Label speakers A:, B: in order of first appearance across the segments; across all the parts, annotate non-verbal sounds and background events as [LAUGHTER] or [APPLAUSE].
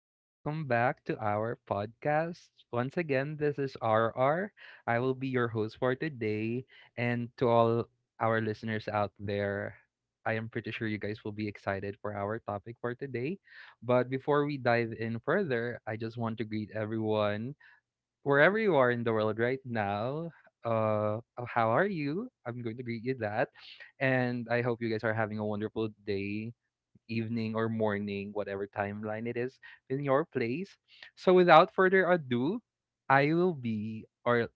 A: and welcome back to our podcast. Once again, this is RR. I will be your host for today. And to all our listeners out there, I am pretty sure you guys will be excited for our topic for today. But before we dive in further, I just want to greet everyone wherever you are in the world right now. How are you? I'm going to greet you that. And I hope you guys are having a wonderful day evening or morning, whatever timeline it is in your place. So without further ado, I will be, or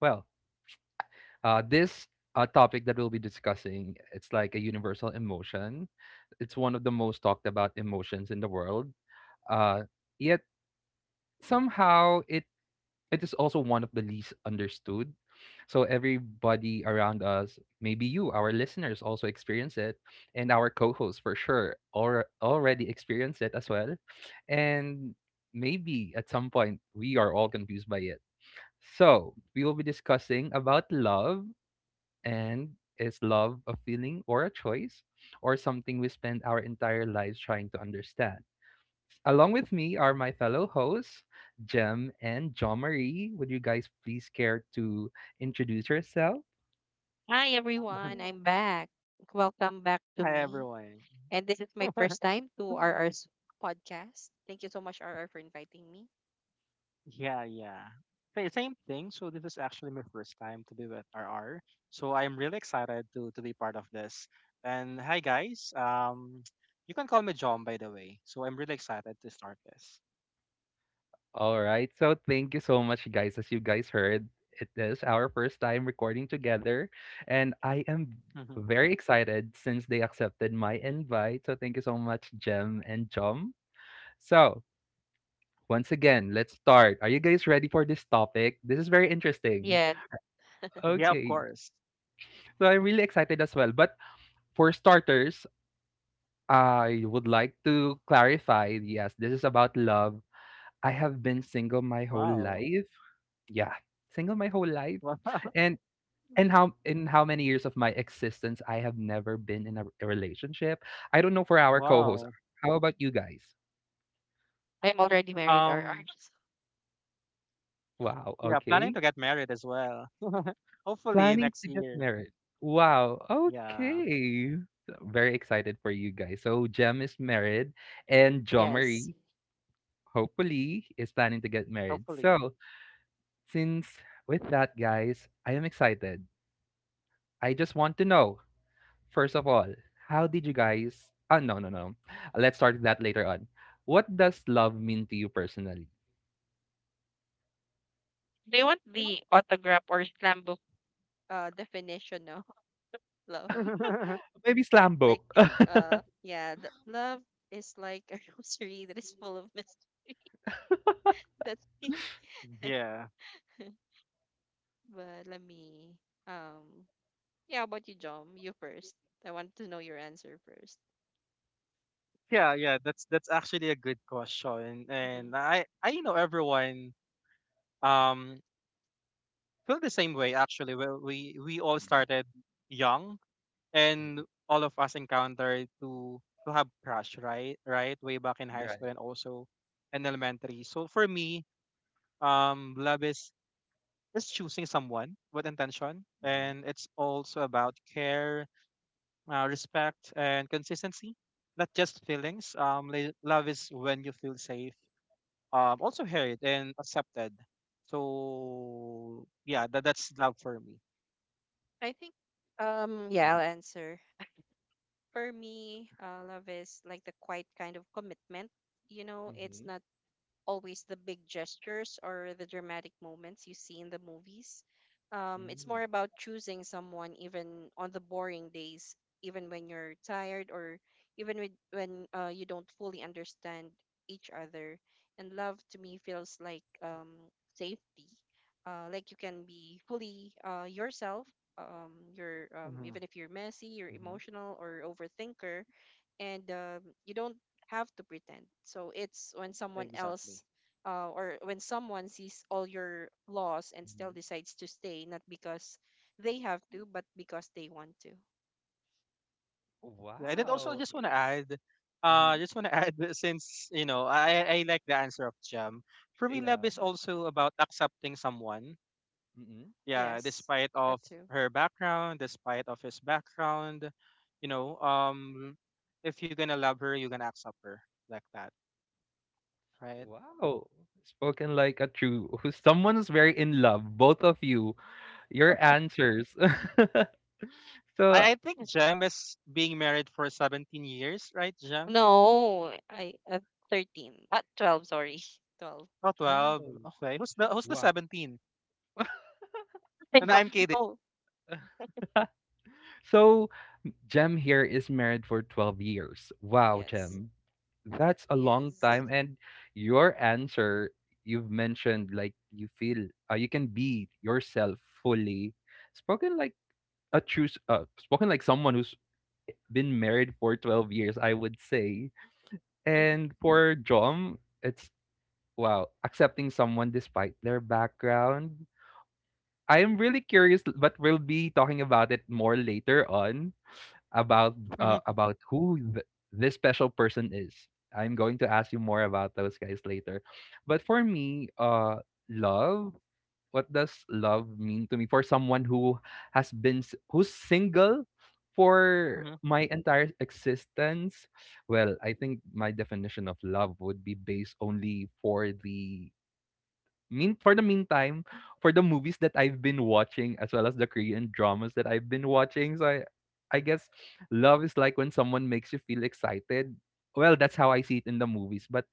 A: well, this topic that we'll be discussing, it's like a universal emotion. It's one of the most talked about emotions in the world. Uh, yet somehow it is also one of the least understood. So everybody around us, maybe you, our listeners also experience it, and our co-hosts for sure or already experience it as well. And maybe at some point we are all confused by it. So we will be discussing about love and is love a feeling or a choice or something we spend our entire lives trying to understand? Along with me are my fellow hosts, Jem and John Marie. Would you guys please care to introduce yourself?
B: Hi everyone,
C: [LAUGHS]
B: I'm back. Welcome back to
C: Hi
B: me.
C: everyone.
B: And this is my
C: [LAUGHS]
B: first time to RR's podcast. Thank you so much, RR, for inviting me.
C: yeah, yeah. Same thing. So this is actually my first time to be with RR. So I'm really excited to be part of this. And hi guys. You can call me John, by the way. So I'm really excited to start this.
A: All right. So thank you so much, guys. As you guys heard, it is our first time recording together, and I am
C: Mhm.
A: very excited since they accepted my invite. So thank you so much, Jem and John. So once again, let's start. Are you guys ready for this topic? This is very interesting.
B: Yes,
C: Yeah, of
A: Okay.
C: course.
A: So I'm really excited as well. But for starters, I would like to clarify, yes, this is about love. I have been single my whole
C: Wow.
A: life. Yeah, single my whole life.
C: Wow. [LAUGHS]
A: And and how in how many years of my existence I have never been in a relationship. I don't know for our co-hosts.
C: Wow.
A: How about you guys?
B: I'm already married, RR.
C: Um,
B: [LAUGHS]
A: Wow,
C: yeah, planning
A: okay.
C: to get married as well. [LAUGHS] Hopefully
A: Planning
C: next
A: to get
C: year.
A: married. Wow,
C: Yeah,
A: okay. So, very excited for you guys. So Jem is married and Jo
B: Yes.
A: Marie hopefully is planning to get married.
C: hopefully.
A: So Since with that, guys, I am excited. I just want to know, first of all, how did you guys? Ah, no, no, no. Let's start that later on. What does love mean to you personally?
B: Do you want the autograph or slam book? Definition of [LAUGHS] love.
C: [LAUGHS]
A: Maybe slam
B: Like,
A: book. [LAUGHS]
B: love is like a [LAUGHS] rosary that is full of mystery. That's me. [LAUGHS]
C: Yeah.
B: But um yeah, how about you, Jom? You first. I want to know your answer first.
C: Yeah, that's actually a good question, and I know everyone um feel the same way actually. Well, we all
A: Mhm,
C: started young, and
A: mhm,
C: all of us encountered to have crush, right? Right, way back in high school
A: right.
C: and also in elementary. So for me, love is choosing someone with intention,
A: Mhm,
C: and it's also about care, respect, and consistency. Not just feelings. Love is when you feel safe, also heard and accepted. So yeah, that's love for me.
B: I think, yeah, I'll answer. For me, love is like the quiet kind of commitment. It's
A: mhm,
B: not always the big gestures or the dramatic moments you see in the movies. It's
A: mm,
B: more about choosing someone even on the boring days, even when you're tired or even when you don't fully understand each other. And love to me feels like, safety, like you can be fully, yourself. You're
C: Hmm.
B: Even if you're messy, you're
A: mhm,
B: emotional or overthinker, and, you don't have to pretend. So it's
C: Exactly.
B: when someone sees all your flaws and
A: mhm.
B: still decides to stay, not because they have to, but because they want to.
C: Yeah, and then also
B: So
C: I
A: Wow.
C: just want to
B: yes,
C: add,
A: Mhm,
C: just want to [LAUGHS] add that, since you know I like the answer of Jam. For me, love
A: yeah.
C: is
B: hmm
C: also about accepting someone.
A: Mhm.
C: Yeah,
B: yes,
C: despite of
B: that too.
C: her background, despite of his background, you know, if you're gonna love her, you're gonna accept her like that, right?
A: Wow. Spoken like a true [LAUGHS] someone who's very in love, both of you. Your answers. [LAUGHS] So
C: I think Jam is being married for 17 years, right, Jam?
B: No, I at 13, at 12. Sorry, [LAUGHS] 12.
C: Oh 12,
A: 12.
C: okay.
B: Mm-hmm.
C: Who's the
A: Wow.
C: 17?
B: I
C: And
B: don't
C: I'm kidding.
B: know.
A: [LAUGHS] So Jem here is married for 12 years. Wow,
B: Yes,
A: Jem. That's a long
B: yes.
A: time. And your answer, you've mentioned like you feel you can be yourself fully. Spoken like a true, spoken like someone who's been married for 12 years, I would say.
B: Mm.
A: And for Jom, it's wow, accepting someone despite their background. I am really curious, but we'll be talking about it more later on
C: Mhm,
A: about this special person is. I'm going to ask you more about those guys later. But for me, love. What does love mean to me for someone who who's single for
C: mhm,
A: my entire existence? Well, I think my definition of love would be based only for the meantime, for the movies that I've been watching as well as the Korean dramas that I've been watching, so I guess love is like when someone makes you feel excited. Well, that's how I see it in the movies. But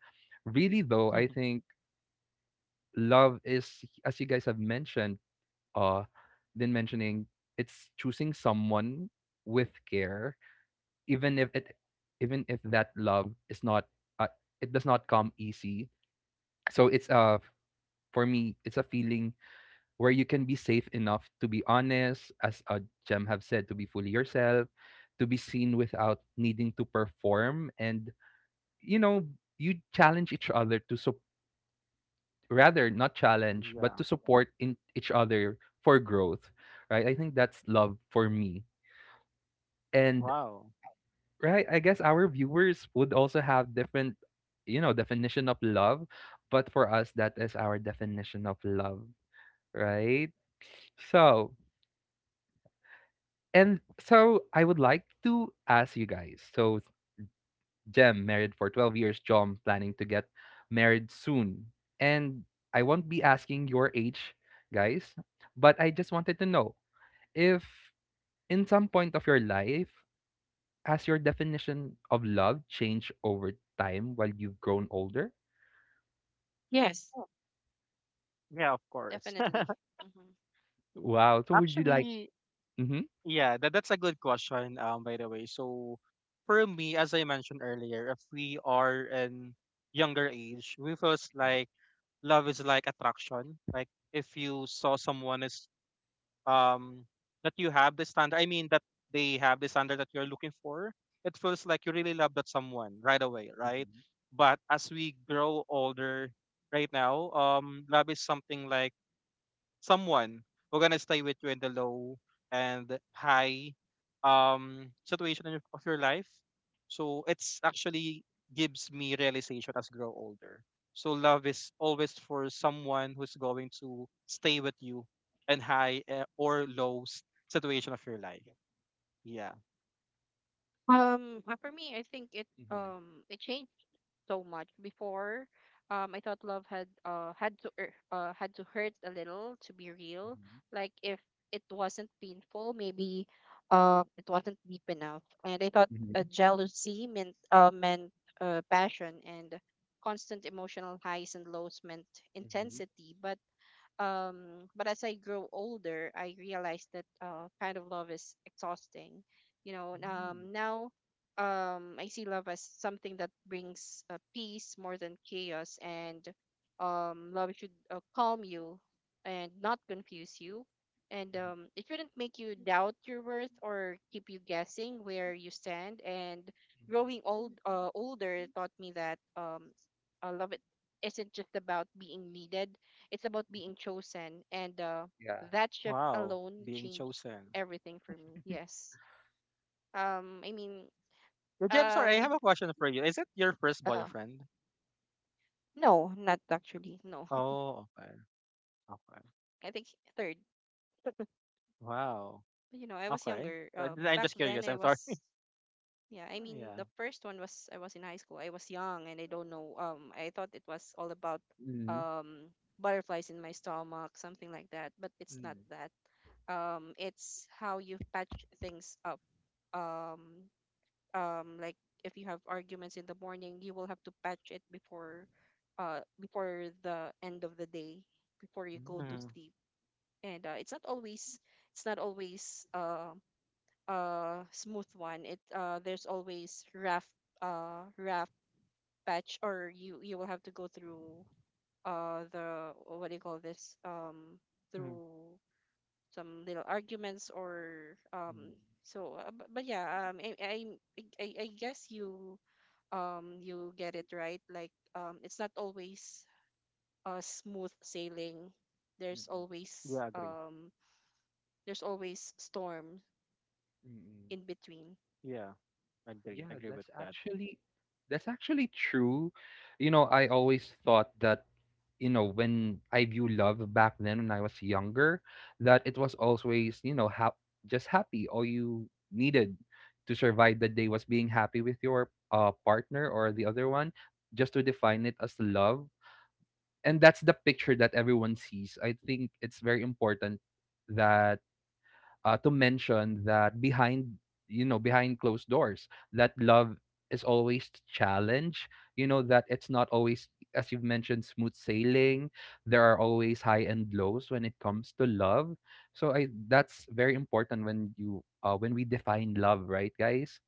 A: really though, I
C: mhm.
A: think love is as you guys have mentioned, uh been mentioning, it's choosing someone with care, even if it even if that love is not uh, it does not come easy. So it's a for me, it's a feeling where you can be safe enough to be honest, as Jem have said, to be fully yourself, to be seen without needing to perform, and you know you challenge each other to sup rather not challenge
C: Yeah.
A: but to support in each other for growth, right? I think that's love for me, and
C: Wow.
A: right, I guess our viewers would also have different, you know, definition of love, but for us that is our definition of love, right? So and so I would like to ask you guys. So Jem married for 12 years, John planning to get married soon. And I won't be asking your age, guys, but I just wanted to know if in some point of your life has your definition of love changed over time while you've grown older?
B: Yes,
C: Yeah, of course. [LAUGHS]
B: definitely. Hmm.
A: Wow. So would you like
C: Actually,
A: mhm.
C: yeah, that's a good question, by the way. So for me, as I mentioned earlier, if we are in younger age, we feels like love is like attraction. Like if you saw someone is um that you have the standard, I mean that they have the standard that you're looking for, it feels like you really love that someone right away, right? But as we grow older right now, love is something like someone who gonna stay with you in the low and high, situation of your life. So it's actually gives me realization as grow older. So love is always for someone who's going to stay with you in high or low situation of your life. Yeah.
B: For me, I think it changed so much before. I thought love had to hurt a little to be real. Like if it wasn't painful, maybe it wasn't deep enough. And I thought, jealousy meant passion, and constant emotional highs and lows meant intensity. But as I grow older, I realized that, kind of love is exhausting, now, I see love as something that brings, peace more than chaos, and love should, calm you and not confuse you, and it shouldn't make you doubt your worth or keep you guessing where you stand. And growing older taught me that, love, it isn't just about being needed. It's about being chosen, and,
A: Yeah.
B: that shift
C: Wow.
B: alone
C: Being
B: changed
C: chosen.
B: everything for me. Yes. I mean,
C: But yeah, sorry, I
B: um,
C: have a question for you. Is it your first
B: uh,
C: boyfriend?
B: no, not actually. No,
C: Oh, okay. Okay.
B: [LAUGHS] I think third.
C: Wow.
B: I was
C: Okay.
B: younger.
C: I'm
B: Back
C: just
B: then
C: curious.
B: I
C: I'm sorry.
B: was. Yeah, I mean,
C: Yeah.
B: the first one was, I was in high school. I was young, and I don't know. I thought it was all about, um butterflies in my stomach, something like that. But it's not that, it's how you patch things up. um like, if you have arguments in the morning, you will have to patch it before the end of the day, before you go to
A: Mhm.
C: Mm-hmm.
B: sleep. And, it's not always, it's not always uh smooth one. It There's always rough patch, or you will have to go through, the what do you call this
C: Hmm.
B: through some little arguments, or
A: Mm,
B: so, but yeah, I, I guess you, you get it right. Like, it's not always, smooth sailing.
A: mm,
B: There's
A: mm,
B: always,
C: Yeah, agree.
B: storm
A: mm. Mm.
B: in between.
C: Yeah, agree.
A: Yeah,
C: Agree with that.
B: Mhm.
A: that's actually true. You know, I always thought that you know when I view love back then when I was younger, that it was always you know just happy. All you needed to survive the day was being happy with your partner or the other one, just to define it as love. And that's the picture that everyone sees. I think it's very important that to mention that behind you know behind closed doors that love is always challenge, you know, that it's not always as you've mentioned smooth sailing. There are always high and lows when it comes to love, so I that's very important when you when we define love, right, guys?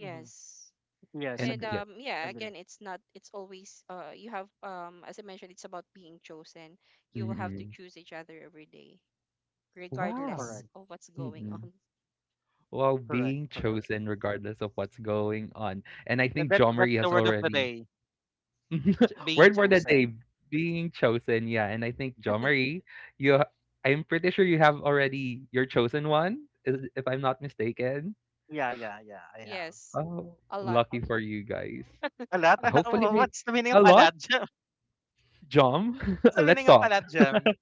C: Hmm. Yes,
B: And,
A: And
C: agree.
A: yeah,
C: Agree.
B: again, it's not, it's always, you have, as I mentioned, it's about being chosen. You will have to
A: mm,
B: choose each other every day,
A: wow.
B: regardless
C: Correct.
B: of what's going [LAUGHS] on.
A: Mm-mm. Well,
C: Correct.
A: being
C: Correct.
A: chosen regardless of what's going on. And I
C: That,
A: think
C: that that's
A: Jomari
C: the
A: has
C: word of the
A: already
C: day.
A: [LAUGHS]
C: Being
A: word for the day
C: chosen.
A: being chosen, yeah, and I think Jo Marie, you ha- I'm pretty sure you have already your chosen one, is if I'm not mistaken.
C: Yeah, yeah, yeah, I have.
B: Yes,
A: Oh,
B: a lot.
A: lucky for you guys.
C: Alat? [LAUGHS]
A: Hopefully,
C: What's the meaning
A: I
C: of
A: a lot,
C: alat jam?
A: Jom.
C: [LAUGHS] What's
A: [LAUGHS]
C: the
A: Let's
C: meaning of
A: talk.
C: alat jam?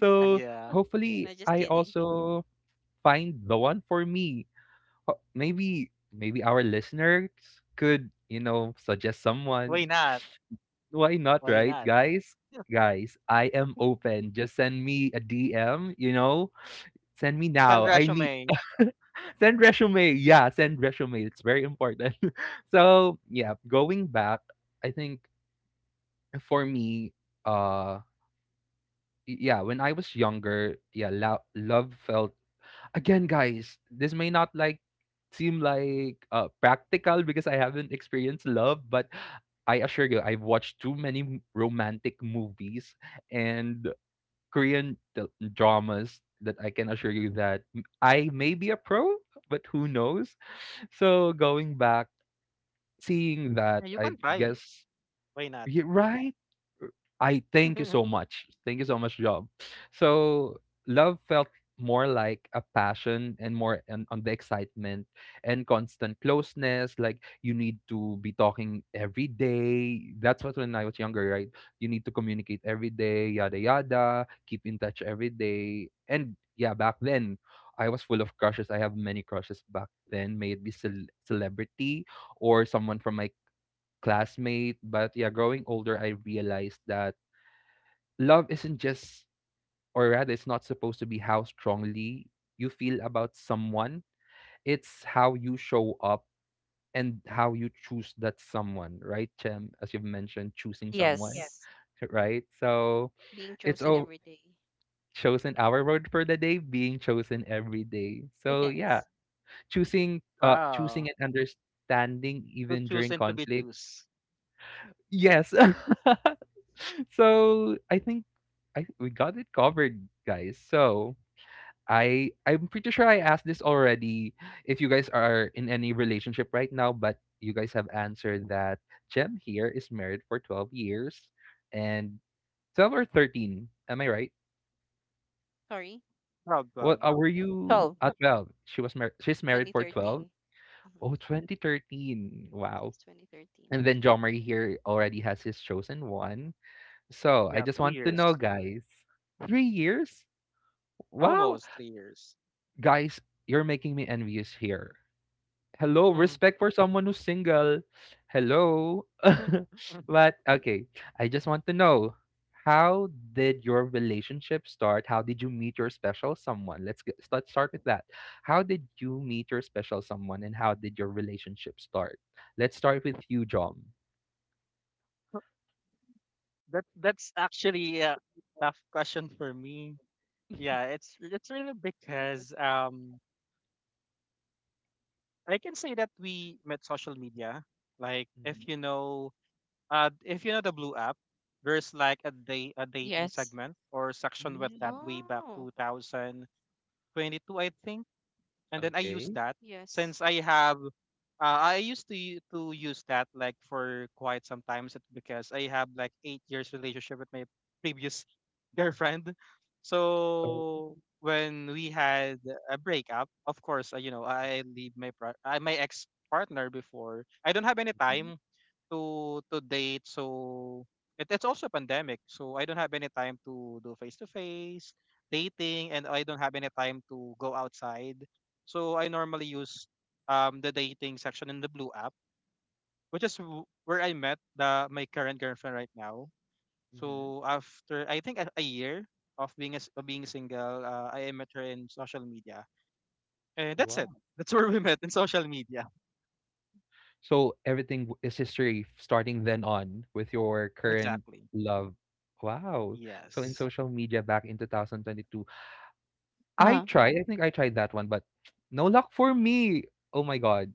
A: So
C: Yeah.
A: hopefully,
B: No, just
A: I
B: kidding.
A: also find the one for me. Maybe, maybe our listeners could, you know, suggest
C: Why
A: someone.
C: not?
A: Why not,
C: Why
A: right?
C: not? [LAUGHS] Yeah.
A: Guys, I am open. Just send me a DM, you know? Send me
C: Send
A: now. I need
C: resume.
A: [LAUGHS] send resume. Yeah, send resume. It's very important. [LAUGHS] So yeah, going back, I think for me, uh yeah, when I was younger, yeah, love felt, again, guys, this may not like seem like practical because I haven't experienced love, but I assure you, I've watched too many romantic movies and Korean d- dramas that I can assure you that I may be a pro, but who knows? So going back, seeing that,
C: Yeah, you
A: I
C: can try.
A: guess
C: Why not?
A: Ye right? Uh, I thank you so
C: [LAUGHS]
A: much. Thank you so much, Job. So love felt more like a passion and more on the excitement and constant closeness. Like you need to be talking every day. That's what when I was younger, right? You need to communicate every day, yada yada, keep in touch every day. And yeah, back then I was full of crushes. I have many crushes back then, may it be celebrity or someone from my classmate. But yeah, growing older, I realized that love isn't just, or rather, it's not supposed to be how strongly you feel about someone. It's how you show up and how you choose that someone, right, Chem? As you've mentioned, choosing someone, yeah.
B: Yes.
A: [LAUGHS] Right? So
B: Being
A: it's
B: chosen
A: all
B: every day.
A: chosen, our word for the day, being chosen every day.
B: [LAUGHS]
A: So yeah,
B: Yes.
C: Wow.
A: choosing and understanding
C: To
A: even
C: choose
A: during
C: and to be
A: conflict.
C: choose.
A: Yes. [LAUGHS] So, I think I we got it covered, guys. So, I'm pretty sure I asked this already if you guys are in any relationship right now, but you guys have answered that Jem here is married for 12 years and 12 or 13, am I right?
B: Sorry,
C: Proud,
A: What
C: proud.
A: were you
B: 12.
A: at 12? She's married for 12.
B: 2013. Mhm.
A: Oh, 2013. Wow.
B: Since 2013.
A: And then John Marie here already has his chosen one. So I
C: Yeah,
A: just
C: two
A: want to know,
C: years.
A: guys. 3 years? Wow.
C: Almost 3 years.
A: Guys, you're making me envious here. Hello,
C: Mm.
A: respect for someone who's single. Hello.
C: [LAUGHS]
A: [LAUGHS]
C: Mhm.
A: But okay, I just want to know how did your relationship start? How did you meet your special someone? Let's start with that. How did you meet your special someone and how did your relationship start? Let's start with you, John.
C: That's actually a tough question for me. Yeah,
A: [LAUGHS]
C: it's really because I can say that we met social media. Like
A: Mhm.
C: if you know the Blue app, there's like a day a dating
B: Yes.
C: segment or section with that
A: Mm,
C: way back
B: Oh,
C: 2022, I think. And then I use
A: okay.
C: that
B: yes.
C: since I have I used to use that like for quite some times, because I have like 8 years relationship with my previous [LAUGHS] girlfriend.
A: So
C: So when we had a breakup, of course, you know, I leave my ex partner before. I don't have any
A: mhm,
C: time to date. So it, it's also a pandemic. So I don't have any time to do face to face dating, and I don't have any time to go outside. So I normally use the dating section in the Blue app, which is where I met the my current girlfriend right now.
A: mhm.
C: So after I think a year of being as of being single, I met her in social media, and that's it.
A: Wow.
C: That's [LAUGHS] where we met in social media.
A: So everything is history starting then on with your current
C: Exactly.
A: love. Wow. So in
C: Yes.
A: social media back in 2022,
B: Uh-huh.
A: I think I tried that one, but [TSK] no luck for me. Oh my God.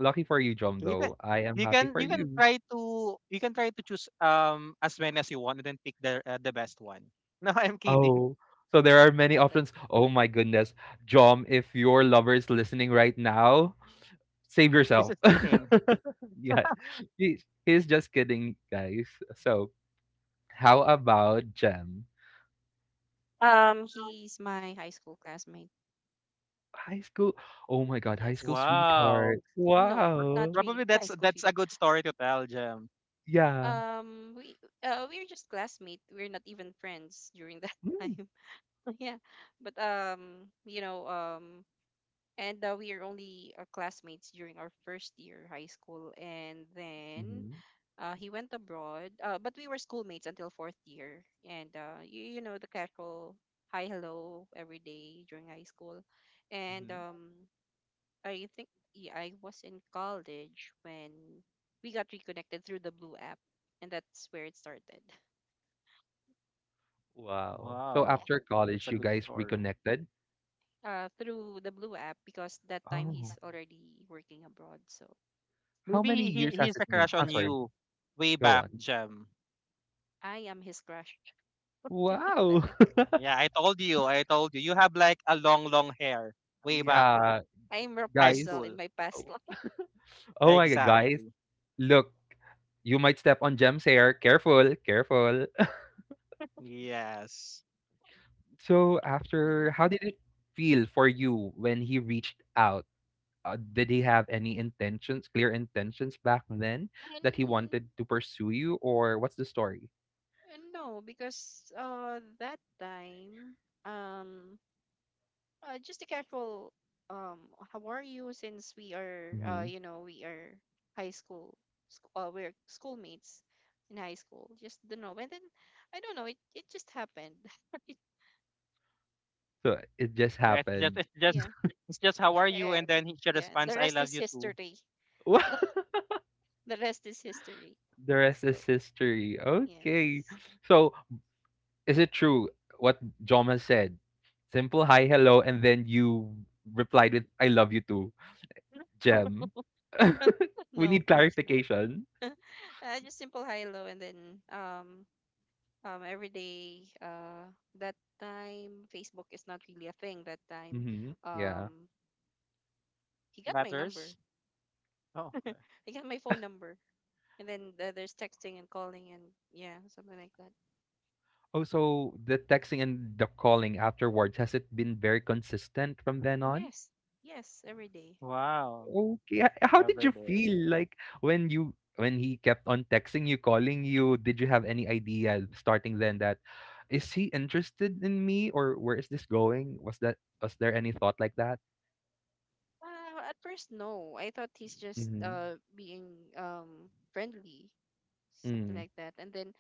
A: Lucky for you, Jom,
C: You can
A: though. I am happy for
C: you can
A: you.
C: try to choose as many as you want and then pick the best one. [LAUGHS] No, I'm kidding.
A: Oh. So there are many
B: Correct.
A: options. Oh my goodness. Jom, if your lover is listening right now, save
C: This
A: yourself.
C: is sleeping.
A: [LAUGHS] Yeah. He, he's just kidding, guys. So how about Jem?
B: He's my high school classmate.
A: High school, oh my god, high school
B: Yes.
C: Wow.
A: sweetheart.
B: No, not
A: Wow.
B: really
C: Probably
B: [LAUGHS] high
C: that's
B: school
C: that's a
B: sweetheart.
C: good story to tell, Jem.
A: Yeah.
B: Um, we we're just classmates. We're not even friends during that [LAUGHS]
A: Mm.
B: time. [LAUGHS] Yeah, but and, we are only, classmates during our first year high school, and then,
A: Mhm.
B: he went abroad, but we were schoolmates until fourth year. And, you know, the casual hi hello every day during high school. And,
A: Hmm.
B: I think, yeah, I was in college when we got reconnected through the blue app, and that's where it started.
A: Wow. So
B: [LAUGHS]
C: Wow.
B: Yeah.
A: after
C: That's
A: college,
C: a
A: you
C: good
A: guys
C: story.
A: reconnected?
B: Through the blue app, because that time
A: Oh.
B: he's already working abroad, so
A: How many
C: Maybe he
A: years has
C: he's a
A: it been?
C: crush
A: I'm
C: on
A: sorry.
C: you way
A: Go
C: back,
A: on.
C: Jem.
B: I am his crush. [LAUGHS]
A: Wow.
B: Back.
A: [LAUGHS]
C: Yeah, I told you. I told you. You have like a long long hair way back
A: Yeah,
B: I'm
C: high
B: Rapunzel
A: guys.
B: in
C: school.
B: my past
A: Oh,
B: life.
A: oh my god, guys.
C: Exactly.
A: Look, you might step on Jem's hair. Careful, careful.
C: Yes.
A: [LAUGHS] So
B: Yeah.
A: after, how did it feel for you when he reached out? Did he have any intentions, clear intentions back then that he
B: And,
A: wanted to pursue you, or what's the story?
B: and no, because that time, um just a casual, um how are you, since we are uh
A: Hmm.
B: you know we are high school, we're schoolmates in high school, just don't know. And then I don't know, it just happened.
A: So it just
C: Yeah, It's just
A: happened.
C: it's just
B: [LAUGHS] Yeah,
C: it's just how are you, and
B: um
C: then she
B: yeah, the
C: responds, "I
B: rest
C: love
B: is
C: you too."
B: history.
A: [LAUGHS] The
B: [LAUGHS] The rest is history.
A: rest is
B: So
A: history. Okay.
B: yes.
A: So is it true what Joma said? Simple hi, hello, and then you replied with I love you too.
B: [LAUGHS]
A: Gem. [LAUGHS] We
B: No,
A: need
B: of course not.
A: clarification.
B: Just simple high low, and then, every day, that time Facebook is not really a thing that time.
A: Hmm. Yeah.
B: Um he got my number.
C: Letters. Oh, okay.
B: He got my phone number. And then, there's texting and calling, and yeah, something like that.
A: Oh, so the texting and the calling afterwards, has it been very consistent from then on?
B: Yes. Yes, every day.
C: Wow.
A: Okay. How did
C: Every
A: you
B: Mm-hmm.
A: feel
C: day.
A: like when you when he kept on texting you, calling you? Did you have any idea starting then that is he interested in me or where is this going? Was there any thought like that?
B: At first, no. I thought he's just,
A: Mm-hmm.
B: being, friendly, something
A: Mm.
B: like that. And then,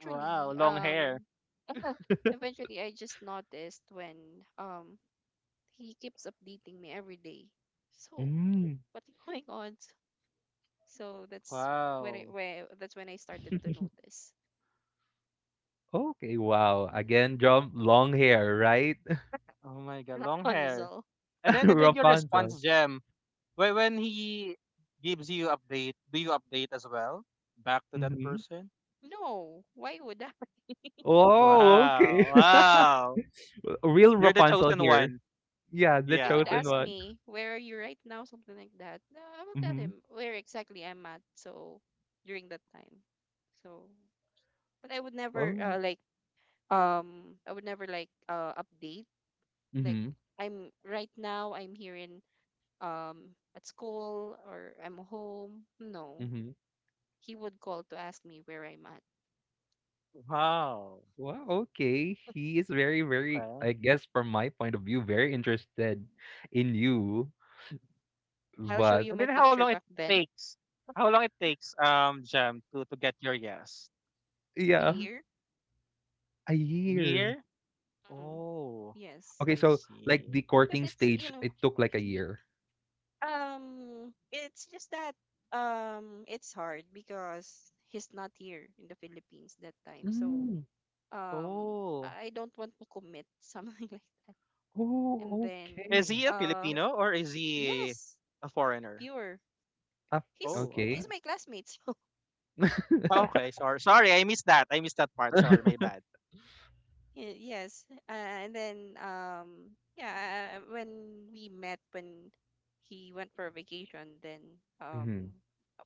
C: Wow. Long hair.
B: [LAUGHS] eventually I just noticed when, he keeps updating me every day. So
A: Mm.
B: what's going on? So that's when it
C: Wow.
B: where that's when I started to notice.
A: Okay. Wow.
B: Yeah.
A: Again, John, long hair, right?
C: Oh my god, long hair.
B: Rapunzel.
C: And
A: [LAUGHS]
C: then your
A: Rapunzel.
C: response, Gem. When he gives you update, do you update as well back to that
A: Mm-hmm.
C: person?
B: No, why would I? [LAUGHS]
A: Oh, okay.
C: Wow. Wow.
A: [LAUGHS] Real
C: You're the
A: Rapunzel
C: chosen
A: here.
C: one.
A: Yeah, the
B: He would
C: Yeah.
A: chosen
B: ask
A: one.
B: me, "Where are you right now?" Something like that. No, I will tell
A: Mm-hmm.
B: him where exactly I'm at. So during that time, so but I would never,
A: Oh.
B: I would never, like, update, like,
A: Mm-hmm.
B: I'm right now, I'm here in, at school, or I'm home. No,
A: Mm-hmm.
B: he would call to ask me where I'm at.
C: Wow.
A: Wow, okay. He is very, very,
C: Okay.
A: I guess from my point of view, very interested in you.
B: I'll show
A: But
B: you
C: And
B: my
C: then how
B: picture
C: long it
B: back then,
C: takes? How long it takes, Jam, to get your yes?
B: a
A: yeah,
B: year.
A: a year.
C: Year?
B: Mm,
C: Oh,
B: yes,
A: Okay,
C: I
A: so like
C: see.
A: the
B: because
A: courting
B: it's you
A: stage,
B: know,
A: it took like a
B: y-
A: year.
B: it's just that, it's hard because he's not here in the Philippines that time. So,
A: Mm.
C: Oh,
B: I don't want to commit something [LAUGHS] like that. And
A: Oh,
B: then,
C: is
A: okay.
C: he a
B: uh,
C: Filipino or is he
B: yes,
C: a foreigner?
B: pure.
A: Ah,
B: He's
C: Oh,
A: okay.
B: he's
C: okay.
B: my classmate. [LAUGHS]
A: [LAUGHS]
C: Okay, sorry, sorry, I missed that. I missed that part. Sorry, my bad.
B: Yes. And then, yeah, when we met, when he went for vacation, then, um
A: Mhm.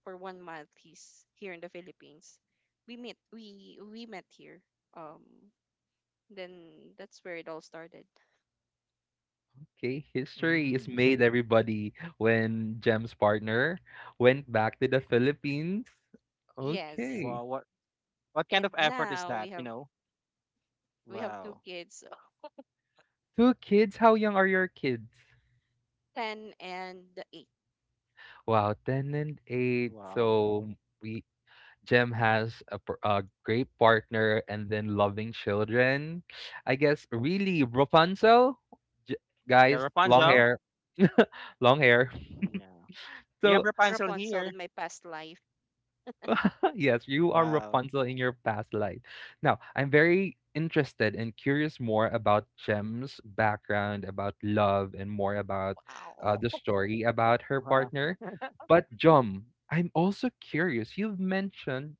B: for one month he's here in the Philippines. We met here. Um then that's where it all started.
A: Okay, history is
C: Mm.
A: made, everybody, when Jem's partner went back to the Philippines.
B: Yes.
A: Okay.
C: Wow, what kind
B: And
C: of effort is
B: now we
C: that? You
B: have,
C: know?
B: we have two
C: Wow,
B: kids,
A: Two kids, how young are your kids?
B: 10 and 8.
A: Wow, 10 and 8.
C: wow.
A: So we Jem has a, a great partner and then loving children. I guess really Rapunzel, J-
C: Yeah,
A: guys, long
C: Rapunzel.
A: hair, [LAUGHS] long hair.
C: Yeah, we have
A: So
C: Rapunzel here.
B: Rapunzel in my past life.
A: [LAUGHS] yes, you are
C: Wow,
A: Rapunzel in your past life. Now, I'm very interested and curious more about Jem's background, about love, and more about the
B: Wow. [LAUGHS]
A: story about her
C: wow.
A: partner. But Jom, I'm also curious. You've mentioned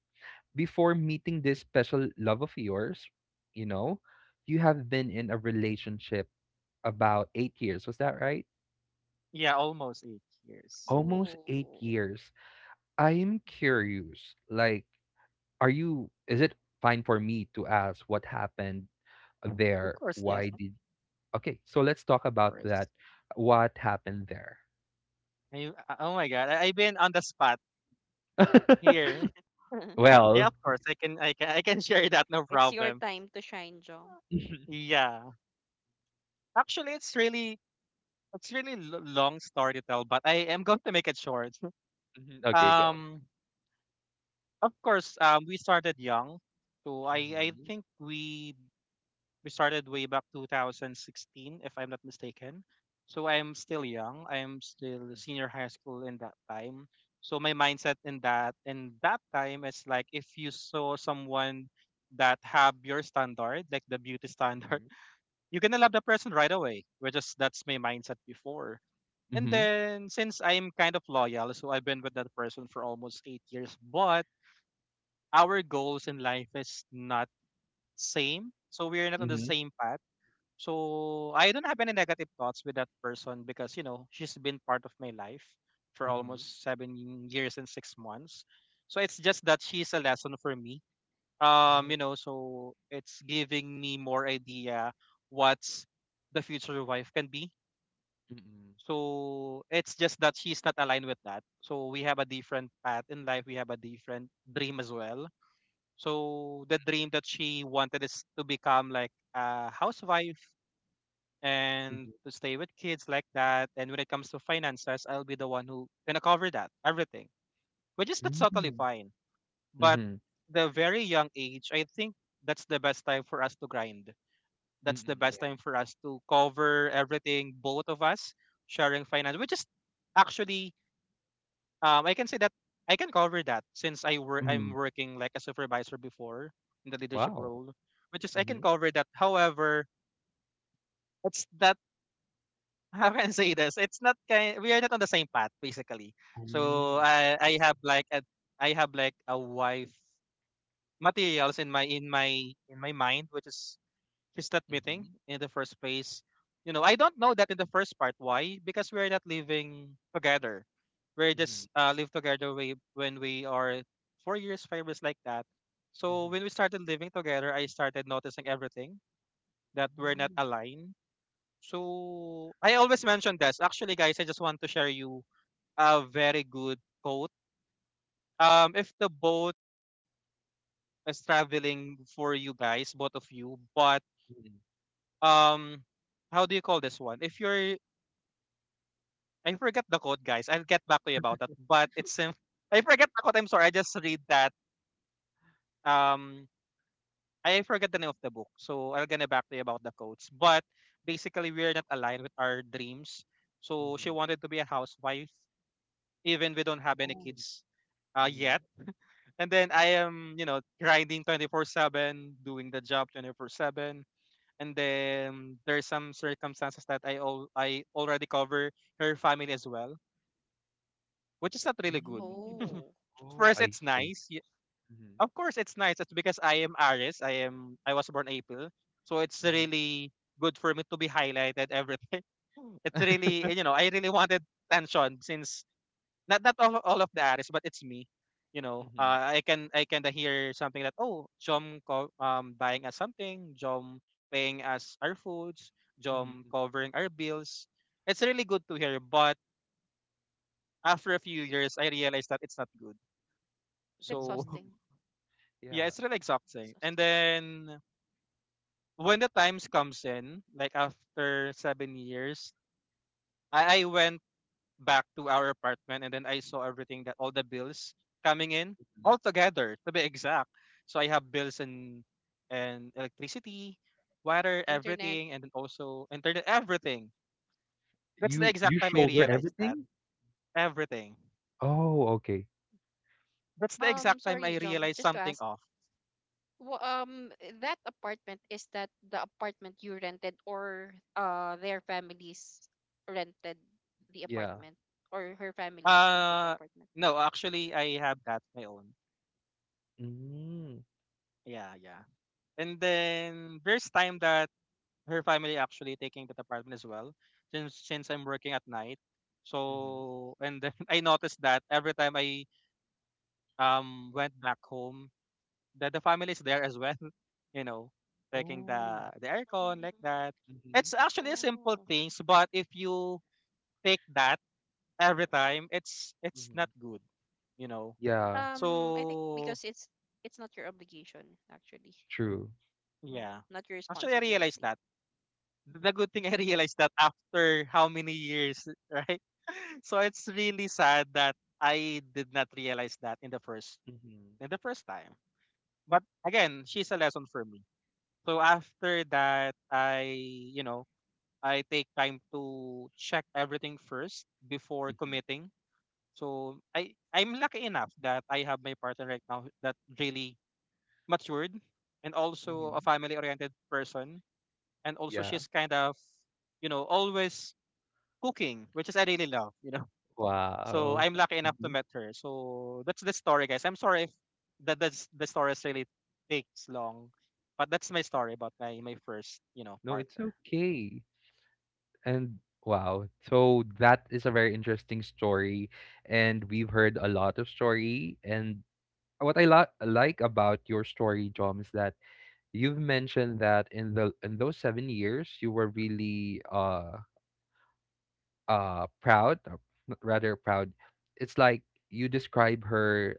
A: before meeting this special love of yours, you know, you have been in a relationship about 8 years. Was that right?
C: Yeah, almost 8 years.
A: Almost
B: Oh.
A: 8 years. I am curious. Like, is it fine for me to ask what happened
C: Of
A: there?
C: course, yes.
A: Okay, so let's talk about
C: Course,
A: that. What happened there?
C: I, oh my god, I've been on the spot
A: [LAUGHS]
C: here.
B: [LAUGHS]
C: [LAUGHS] Yeah,
A: Well,
C: of course, I can [LAUGHS] share that. No
B: It's
C: problem.
B: your time to shine, John.
A: [LAUGHS]
C: Yeah, actually, it's really long story to tell, but I am going to make it short. [LAUGHS]
A: mhm, okay, go.
C: Um, of course, we started young, so I
A: Mm-hmm.
C: think we started way back 2016, if I'm not mistaken. So I'm still young. I'm still senior high school in that time. So my mindset in that time is like if you saw someone that have your standard, like the beauty standard, [LAUGHS] you're gonna love the person right away. Which is that's my mindset before. And
A: Mm-hmm.
C: then since I'm kind of loyal, so I've been with that person for almost 8 years. But our goals in life is not same. So we're not on the
A: Mm-hmm.
C: same path. So I don't have any negative thoughts with that person because you know she's been part of my life for
A: Mm-hmm.
C: almost 7 years and 6 months. So it's just that she's a lesson for me. You know, so it's giving me more idea what's the future wife can be. So it's just that she's not aligned with that. So we have a different path in life. We have a different dream as well. So the dream that she wanted is to become like a housewife and
A: Mm-hmm.
C: to stay with kids like that. And when it comes to finances, I'll be the one who gonna cover that everything, which is that's totally
A: Mm.
C: fine. But
A: Mhm.
C: the very young age, I think that's the best time for us to grind.
A: Mhm.
C: That's the
A: Mm,
C: best
A: yeah.
C: time for us to cover everything, both of us sharing finance, which is actually I can say that I can cover that since I'm
A: Mhm.
C: working like a supervisor before in the leadership
A: Wow.
C: role, which is I can
A: Mhm.
C: cover that. However, it's that, how can I say this? It's not kind, we are not on the same path basically. So
A: Mm.
C: I have like a wife materials in my in my in my mind, which is she's not meeting
A: Mhm.
C: in the first place. You know, I don't know that in the first part. Why? Because we are not living together. We
A: Mhm.
C: just live together when we are 4 years, 5 years like that. So
A: Mhm.
C: when we started living together, I started noticing everything that we're not
A: Mm.
C: aligned. So I always mention this. Actually, guys, I just want to share you a very good quote. If the boat is traveling for you guys, both of you, but
A: Mhm.
C: um, how do you call this one? If you're, I forget the quote, guys. I'll get back to you about that. I forget the quote. I'm sorry. I just read that. Um, I forget the name of the book. So I'll get back to you about the quotes. But basically, we're not aligned with our dreams. So she
A: Mhm.
C: wanted to be a housewife even we don't have any
A: Oh.
C: kids
A: Mhm.
C: yet. And then I am, you know, grinding 24/7, doing the job 24/7. And then there's some circumstances that I already cover her family as well, which is not really good.
A: Mm.
B: Oh.
A: Oh,
C: First,
A: I
C: it's
A: see.
C: nice.
A: Mhm.
C: Of course, it's nice. It's because I am Aries. I was born April, so it's
A: Mhm.
C: really good for me to be highlighted everything. [LAUGHS] It's
A: [LAUGHS]
C: really I really wanted tension since not all of the artists, but it's me. You know,
A: Mhm.
C: I can hear something that, oh, Jom buying us something, Jom paying us our foods, Jom
A: Mhm.
C: covering our bills. It's really good to hear, but after a few years, I realized that it's not good.
B: Like,
C: So [LAUGHS]
A: Mm.
B: exhausting.
C: yeah,
A: Yeah.
C: it's really exhausting. And
B: Exhausting.
C: then when the times comes in, like after 7 years, I went back to our apartment and then I saw everything that all the bills coming in
A: Mhm.
C: all together to be exact. So I have bills and electricity, water,
B: Internet.
C: everything, and then also internet, everything. That's the
A: You
C: exact time I
A: shoulder
C: realized that
A: everything?
C: everything.
A: Oh, okay.
C: That's the exact time
B: Sorry,
C: I
B: Jom,
C: realized
B: just to
C: something
B: ask,
C: off.
B: wha- um, that apartment, is that the apartment you rented, or their families rented the
A: Yeah.
B: apartment, or her family rented the
C: Uh
B: apartment?
C: no, actually I have that my own.
A: Mm.
C: Yeah, yeah. And then there's time that her family actually taking that apartment as well since I'm working at night.
A: Mhm.
C: So and then [LAUGHS] I noticed that every time I went back home that the family is there as well, [LAUGHS] you know, taking
A: Oh.
C: the aircon like
B: Mm.
C: that.
A: Mhm.
C: It's actually a simple
B: Oh.
C: things, but if you take that every time, it's not
A: Mhm.
C: good, you know.
A: Yeah,
B: I think,
C: So
B: because it's not your obligation, actually.
A: true.
B: Mhm.
C: yeah.
B: Not your
C: Actually I realized
B: responsibility.
C: that.
B: Mhm.
C: The good thing I [LAUGHS] realized that after how many years, [LAUGHS] right? [LAUGHS] So it's really sad that I did not realize that
A: Mhm.
C: in the first time. But again, she's a lesson for me. So after that, I, you know I take time to check everything first before
A: Mhm.
C: committing. So I'm lucky enough that I have my partner right now that really matured, and also a
A: Mhm.
C: family oriented person, and also
A: Yeah.
C: she's kind of, you know, always cooking, which is I really love, you know. [LAUGHS] So
A: Wow.
C: I'm lucky enough to
A: Mhm.
C: met her. So that's the story, guys. I'm sorry if that's the story is really takes long, but that's my story about my first, you know,
A: No, it's
C: partner.
A: okay. And wow. So that is a very interesting story. And we've heard a lot of story. And what like about your story, John, is that you've mentioned that in the in those 7 years you were really proud, or rather proud. It's like you describe her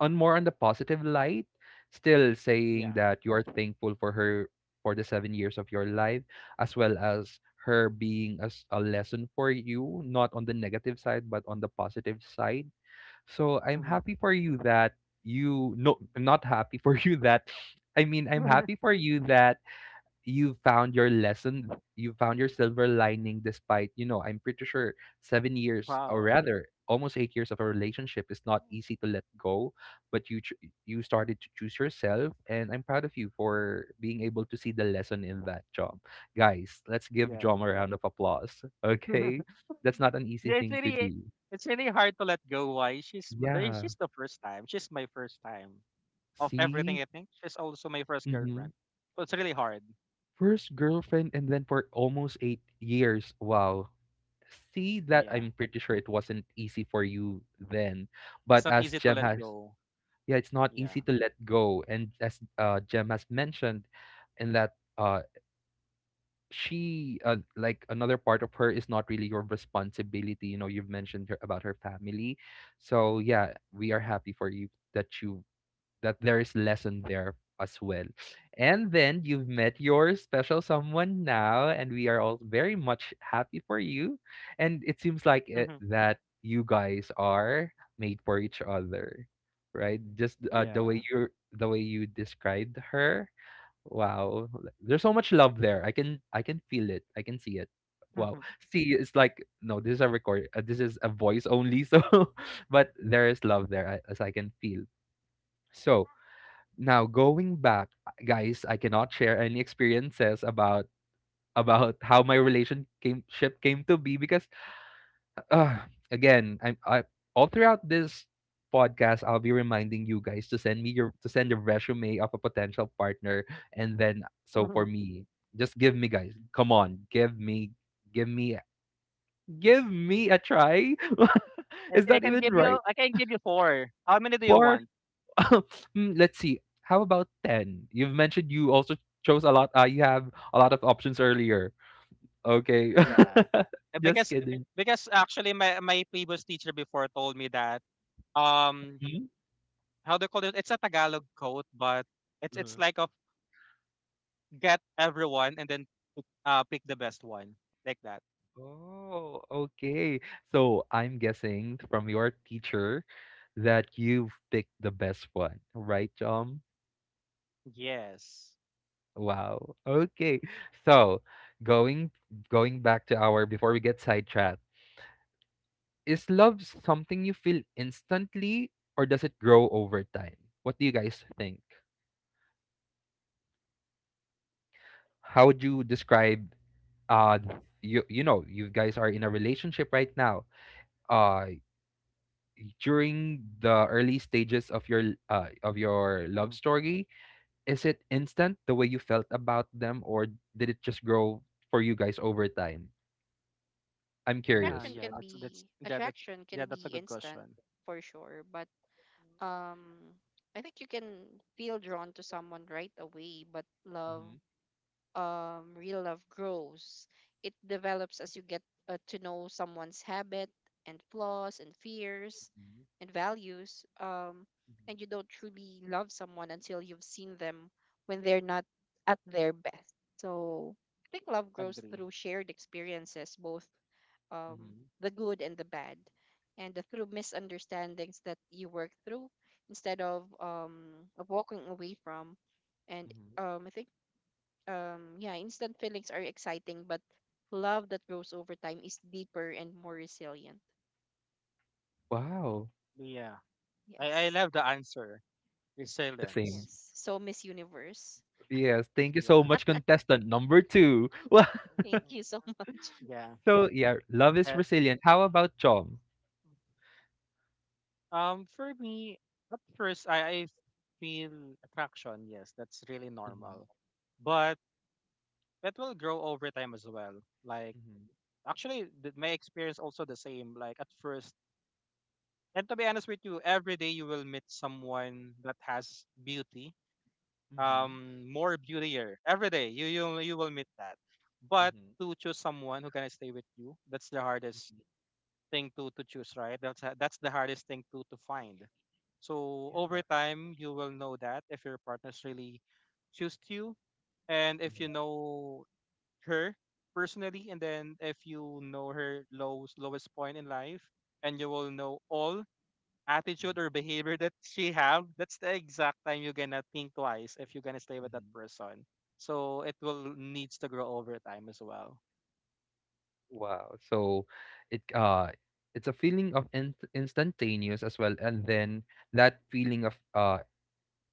A: on more on the positive light, still saying
C: Yeah.
A: that you are thankful for her for the 7 years of your life, as well as her being as a lesson for you, not on the negative side, but on the positive side. So I'm
C: Hmm.
A: happy for you that you no, not happy [LAUGHS] for you that I mean I'm
C: [LAUGHS]
A: happy for you that you found your lesson, you found your silver lining despite, you know, I'm pretty sure 7 years or
C: Wow.
A: rather almost 8 years of a relationship is not easy to let go, but you started to choose yourself and I'm proud of you for being able to see the lesson in that. Job, guys, let's give
C: Yeah.
A: John a round of applause. [LAUGHS] Okay,
C: [LAUGHS]
A: that's not an easy
C: Yeah. It's
A: thing to
C: really,
A: do.
C: it's really hard to let go. Why?
A: Yeah,
C: She's the first time. She's my first time of everything.
A: see,
C: I think she's also my first
A: mm-hmm.
C: girlfriend. So it's really hard.
A: First girlfriend and then for almost 8 years, wow. See, that
C: Yeah.
A: I'm pretty sure it wasn't easy for you then. But
C: It's not
A: as
C: easy to
A: Jem
C: let
A: has,
C: go.
A: yeah, it's not
C: Yeah.
A: easy to let go. And as Jem has mentioned, in that she, like another part of her, is not really your responsibility. You know, you've mentioned her, about her family. So, yeah, we are happy for you that there is lesson there as well. And then you've met your special someone now, and we are all very much happy for you. And it seems like it,
C: [LAUGHS]
A: that you guys are made for each other, right? Just
C: Yeah.
A: the way you described her. Wow, there's so much love there. I can feel it. I can see it. Wow. See, it's like no, this is a record. This is a voice only. So, [LAUGHS] but there is love there, as I can feel. So, now going back, guys, I cannot share any experiences
B: Mm.
A: about [LAUGHS] how my relation came ship came to be because uh, again, I'm I all throughout this podcast I'll be reminding you guys to send me your to send your resume of a potential partner, and then so for
C: [LAUGHS]
A: me, just give me guys, come on, give me give me a try. [LAUGHS]
C: I
A: Is
C: I
A: that
C: can
A: even
C: give
A: right?
C: you I can give you four. How many do you want?
A: [LAUGHS] Hmm, let's see. How about 10? You've mentioned you also chose a lot. You have a lot of options earlier. Okay.
C: Yeah.
A: [LAUGHS] Just
C: Because,
A: kidding.
C: actually my previous teacher before told me that, um
A: Mhm.
C: how do you call it? It's a Tagalog quote, but it's
A: Mhm.
C: like of get everyone and then pick the best one, like that.
A: Oh, okay. So I'm guessing from your teacher that you've picked the best one, right, John?
C: Yes.
A: Wow. Okay. So going going back to our before we get sidetracked, is love something you feel instantly or does it grow over time? What do you guys think? How would you describe uh you know, you guys are in a relationship right now, uh during the early stages of your love
C: Mhm.
A: story, is it instant the way you felt about them, or did it just grow for you guys over time? I'm
C: Yeah,
A: curious.
C: yeah. That's that's yeah that's
B: Attraction can
C: yeah, that's a
B: be
C: good
B: instant,
C: question.
B: for sure, but, um I think you can feel drawn to someone right away, but
A: Mhm,
B: love, real love grows. It develops as you get, to know someone's habit and flaws and fears
A: mhm,
B: and values.
A: mhm,
B: And you don't truly love someone until you've seen them when they're not at their best. So I think love grows
C: Agree.
B: through shared experiences, both,
A: mhm,
B: the good and the bad, and, through misunderstandings that you work through instead of walking away from. And,
A: mhm.
B: I think, yeah, instant feelings are exciting, but love that grows over time is deeper and more resilient.
A: Wow,
C: Yeah. I
B: Yes,
C: love the answer.
A: the same.
C: Resilience.
B: yes. So Miss Universe,
A: Yes, thank you so
C: Yeah.
A: much, contestant number two. [LAUGHS]
B: thank you so [LAUGHS] much.
C: [LAUGHS] Yeah.
A: So yeah, love is
C: Uh,
A: resilient. How about Chom?
C: um, for me, at first, I feel attraction. Yes, that's really
A: Mhm,
C: normal. But that will grow over time as well. Like,
A: mhm,
C: actually, my experience also the same. Like, at first, and to be honest with you, every day you will meet someone that has beauty,
A: mhm,
C: more beautier. Every day, you will meet that. But
A: mhm,
C: to choose someone who can stay with you, that's the hardest
A: mhm,
C: thing to choose, right? That's the hardest thing to find. So over
A: Yeah.
C: time, you will know that if your partner's really choose you, and if you
A: Mhm,
C: know her personally, and then if you know her lowest point in life, and you will know all attitude
A: mhm,
C: or behavior that she have. That's the exact time you're gonna think twice if you're gonna stay with that
A: mhm.
C: person. So it will needs to grow over time as well.
A: Wow. So it uh it's a feeling of in instantaneous as well, and then that feeling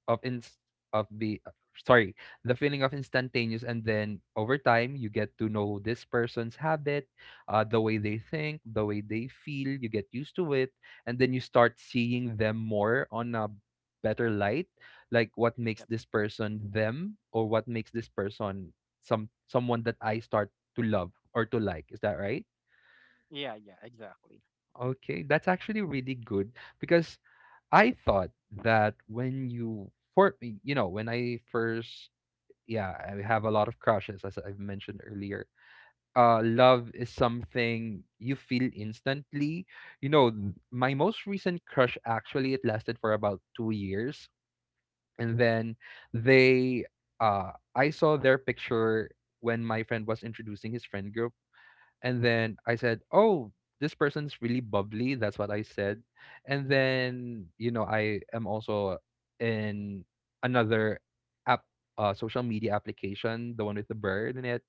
A: of inst of be sorry, the feeling of instantaneous, and then over time you get to know this person's habit, the way they think, the way they feel. You get used to it, and then you start seeing them more on a better light, like what makes
C: Yep.
A: this person them, or what makes this person someone that I start to love or to like. Is that right?
C: Yeah, yeah, exactly.
A: Okay, that's actually really good because I thought that when you for you know when I first, yeah, I have a lot of crushes, as I've mentioned earlier. Love is something you feel instantly. You know, my most recent crush actually it lasted for about 2 years, and then they, I saw their picture when my friend was introducing his friend group, and then I said, "Oh, this person's really bubbly." That's what I said. And then, you know, I am also in another app, social media application, the one with the bird in it.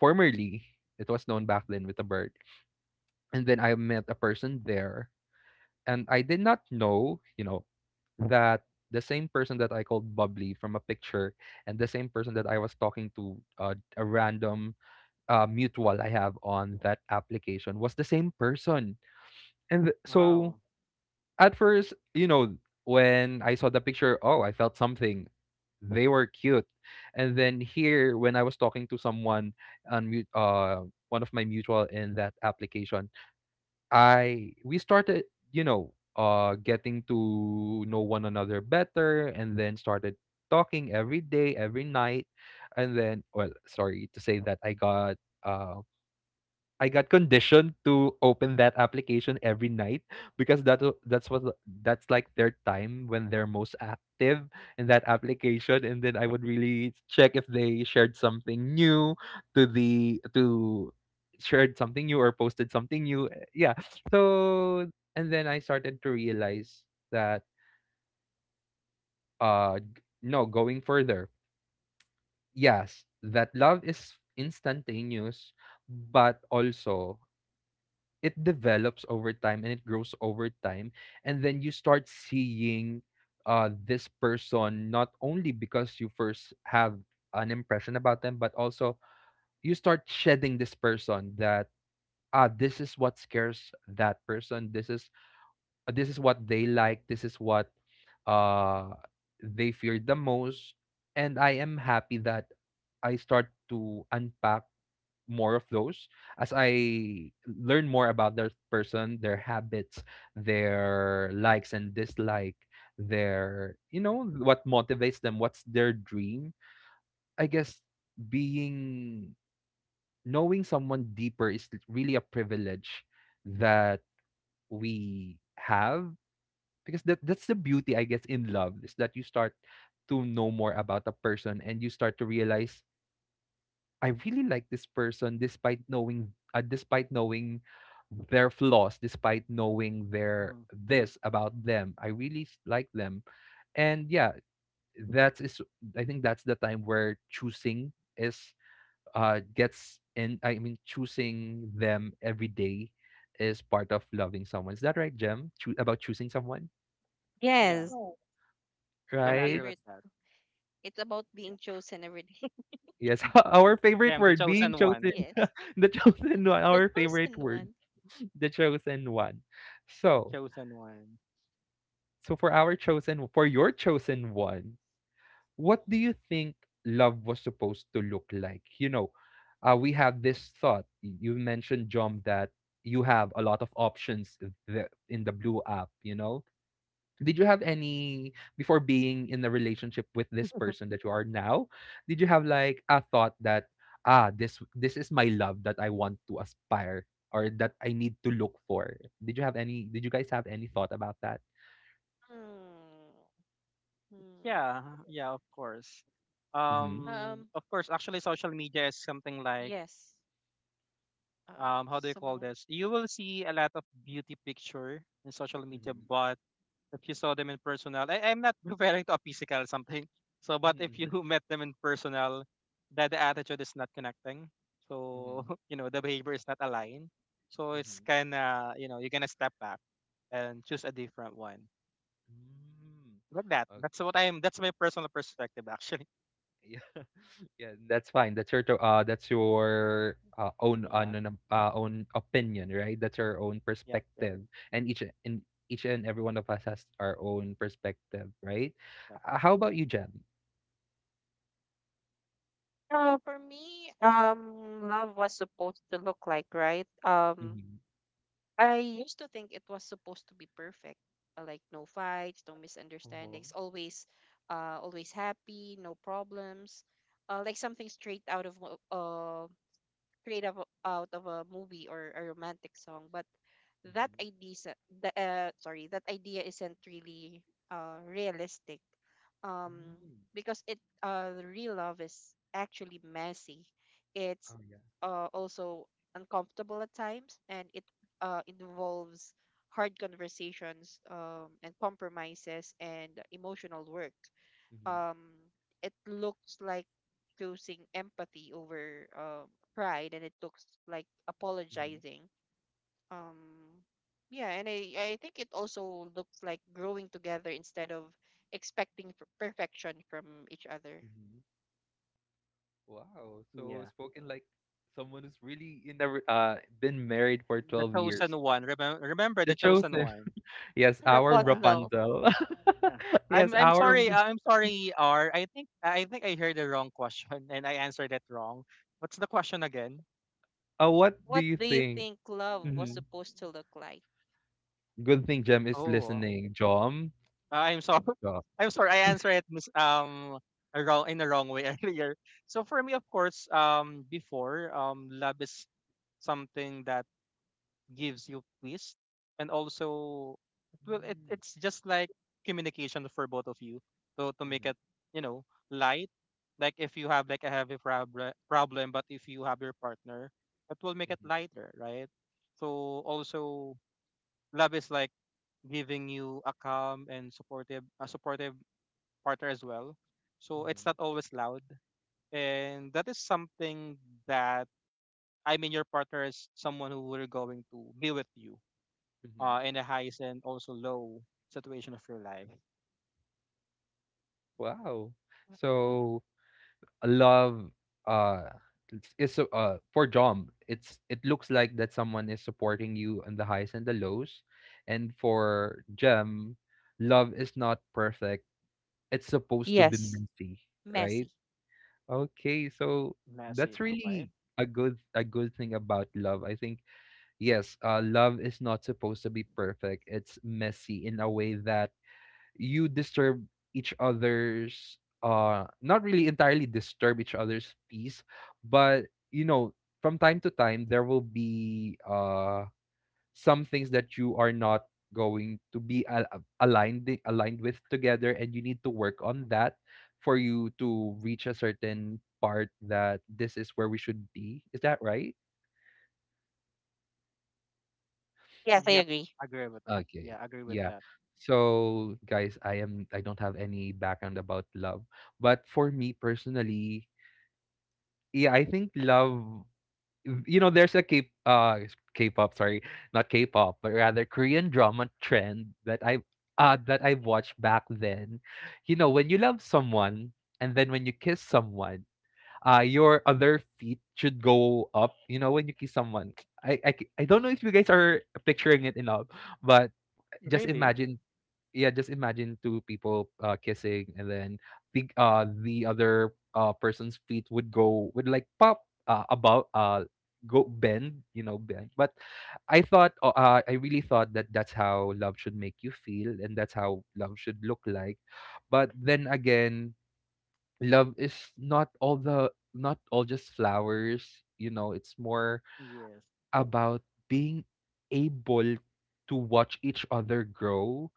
A: Formerly, it was known back then with the bird. And then I met a person there, and I did not know, you know, that the same person that I called bubbly from a picture and the same person that I was talking to a random mutual I have on that application was the same person. And so
C: Wow.
A: at first, you know, when I saw the picture, oh, I felt something. They were cute. And then here, when I was talking to someone on one of my mutual in that application, I we started, you know, getting to know one another better, and then started talking every day, every night, and then well, sorry to say that um I got conditioned to open that application every night because that's what that's like their time when they're most active in that application, and then I would really check if they shared something new to the to shared something new or posted something new, eh, yeah. So and then I started to realize that no going further, yes that love is instantaneous, but also it develops over time and it grows over time, and then you start seeing this person not only because you first have an impression about them but also you start shedding this person that ah this is what scares that person, this is what they like, this is what uh they fear the most. And I am happy that I start to unpack more of those as I learn more about that person, their habits, their likes and dislike, their you know what motivates them, what's their dream. I guess being knowing someone deeper is really a privilege that we have because that's the beauty I guess in love is that you start to know more about a person and you start to realize I really like this person despite knowing their flaws, despite knowing their
C: Mhm.
A: this about them. I really like them. And yeah, that is is. I think that's the time where choosing is gets in I mean choosing them every day is part of loving someone. Is that right, Jem? About choosing someone,
C: Yeah.
B: Yes.
A: oh,
B: Our
C: Gonna agree
A: right?
C: with
B: favorite.
C: that.
B: It's about being chosen every day.
A: Yes, [LAUGHS] our favorite
C: Damn, the
A: word being
C: chosen
B: [LAUGHS]
C: one.
A: chosen,
B: Yes,
A: [LAUGHS] the chosen one,
B: the
A: our favorite
B: chosen
A: word,
B: one.
A: [LAUGHS] the chosen one.
C: The
A: So,
C: chosen one.
A: so for our chosen, for your chosen one, what do you think love was supposed to look like? You know, we have this thought. You mentioned, John, that you have a lot of options in the Blue app, you know? Did you have any before being in a relationship with this person that you are now? Did you have like a thought that ah this is my love that I want to aspire or that I need to look for? Did you have any? Did you guys have any thought about that?
B: Hmm.
C: Yeah, yeah, of course.
A: Mm-hmm.
B: Hmm.
C: Of course, actually, social media is something like,
B: Yes.
C: how do you call
B: Some.
C: this? You will see a lot of beauty picture in social media,
A: Mm-hmm.
C: but if you saw them in personal, I'm not [LAUGHS] referring to a physical something. So, but
A: Mm-hmm.
C: if you
A: Mm-hmm.
C: [LAUGHS] met them in personal, that the attitude is not connecting. So, [LAUGHS] you know, the behavior is not aligned. So it's
A: Mm-hmm.
C: kind of, you know, you're gonna step back and choose a different one.
A: Mm-hmm.
C: Like that.
A: Mm.
C: That's what I'm. That's my personal perspective, actually. [LAUGHS]
A: Yeah, [LAUGHS] yeah, that's fine. That's your that's your own
C: Yeah.
A: no- no, own opinion, right? That's your own
C: Yep. Yep.
A: perspective, and each and every one of us has our own perspective, right?
C: Yep.
A: How about you, Jem?
B: For me, love was supposed to look like, right?
A: Mm-hmm.
B: I used to think it was supposed to be perfect, like no fights, no
A: Uh-huh.
B: misunderstandings, always, always happy, no problems, like something straight out of create of, out of a movie or a romantic song. But that
A: Mm-hmm.
B: idea is- the sorry, that idea isn't really, realistic, um
A: Mm.
B: because it the real love is actually messy. It's,
A: Oh yeah.
B: also uncomfortable at times, and it, involves hard conversations, and compromises and emotional work.
A: Mm-hmm.
B: um it looks like choosing empathy over, pride, and it looks like
A: Mm-hmm.
B: apologizing. um yeah, and I think it also looks like growing together instead of expecting perfection from each other.
A: Mm-hmm. Wow. So
C: Yeah.
A: spoken like someone who's really in the been married for
C: The
A: 12 years.
C: chosen one. Remember. Remember
A: The
C: the chosen
A: chosen. [LAUGHS]
C: one.
A: Yes,
B: [LAUGHS]
A: our
C: Yeah.
B: Rapunzel.
A: Rapunzel.
C: Uh,
A: [LAUGHS] yes,
C: I'm
A: our
C: sorry. I'm sorry. R. I think I heard the wrong question, [LAUGHS] and I answered it wrong. What's the question again?
A: uh, what do
B: What
A: you
B: do you
A: think?
B: think love was
A: Mhm.
B: supposed to look like?
A: Good thing Jem is
C: Oh,
A: listening, Jom.
C: I'm sorry.
A: Sure.
C: [LAUGHS] I'm sorry. I answered it mis- a wrong, in the wrong way, [LAUGHS] earlier. So for me, of course, before, love is something that gives you peace, and also it will
A: Mm,
C: it's just like communication for both of you so to make
A: mhm,
C: it, you know, light, like if you have like a heavy problem, but if you have your partner it will make it
A: mhm,
C: lighter, right? So also love is like giving you a calm and supportive, a supportive partner as well, so it's not
A: mhm,
C: always loud. And that is something that, I mean, your partner is someone who we're going to be with you
A: mhm.
C: in the highs and also low situation of your life.
A: Wow. So a love uh for Jom. It's it looks like that someone is supporting you on the highs and the lows. And for Gem, love is not perfect. It's supposed to be
B: Yes,
A: messy, right?
B: messy.
A: Okay, so
C: Messy.
A: that's
C: Okay.
A: really a good thing about love. I think yes, love is not supposed to be perfect. It's messy in a way that you disturb each other's not really entirely disturb each other's peace, but you know, from time to time there will be some things that you are not going to be aligned with together and you need to work on that for you to reach a certain part that this is where we should be. Is that right?
B: Yes, I
C: Yep.
B: agree.
C: Agree with.
A: Okay.
C: Yeah. Agree with
A: Yeah,
C: that.
A: so guys, I don't have any background about love, but for me personally, yeah, I think love, you know, there's a K K-pop, sorry, not K-pop, but rather Korean drama trend that I watched back then. You know, when you love someone and then when you kiss someone, uh, your other feet should go up, you know, when you kiss someone. I don't know if you guys are picturing it enough, but just
C: Really?
A: imagine yeah, just imagine two people kissing, and then the other person's feet would go would like pop about go bend, you know, bend. But I thought, I really thought that that's how love should make you feel, and that's how love should look like. But then again, love is not all just flowers. You know, it's more
C: Yes.
A: about being able to watch each other grow,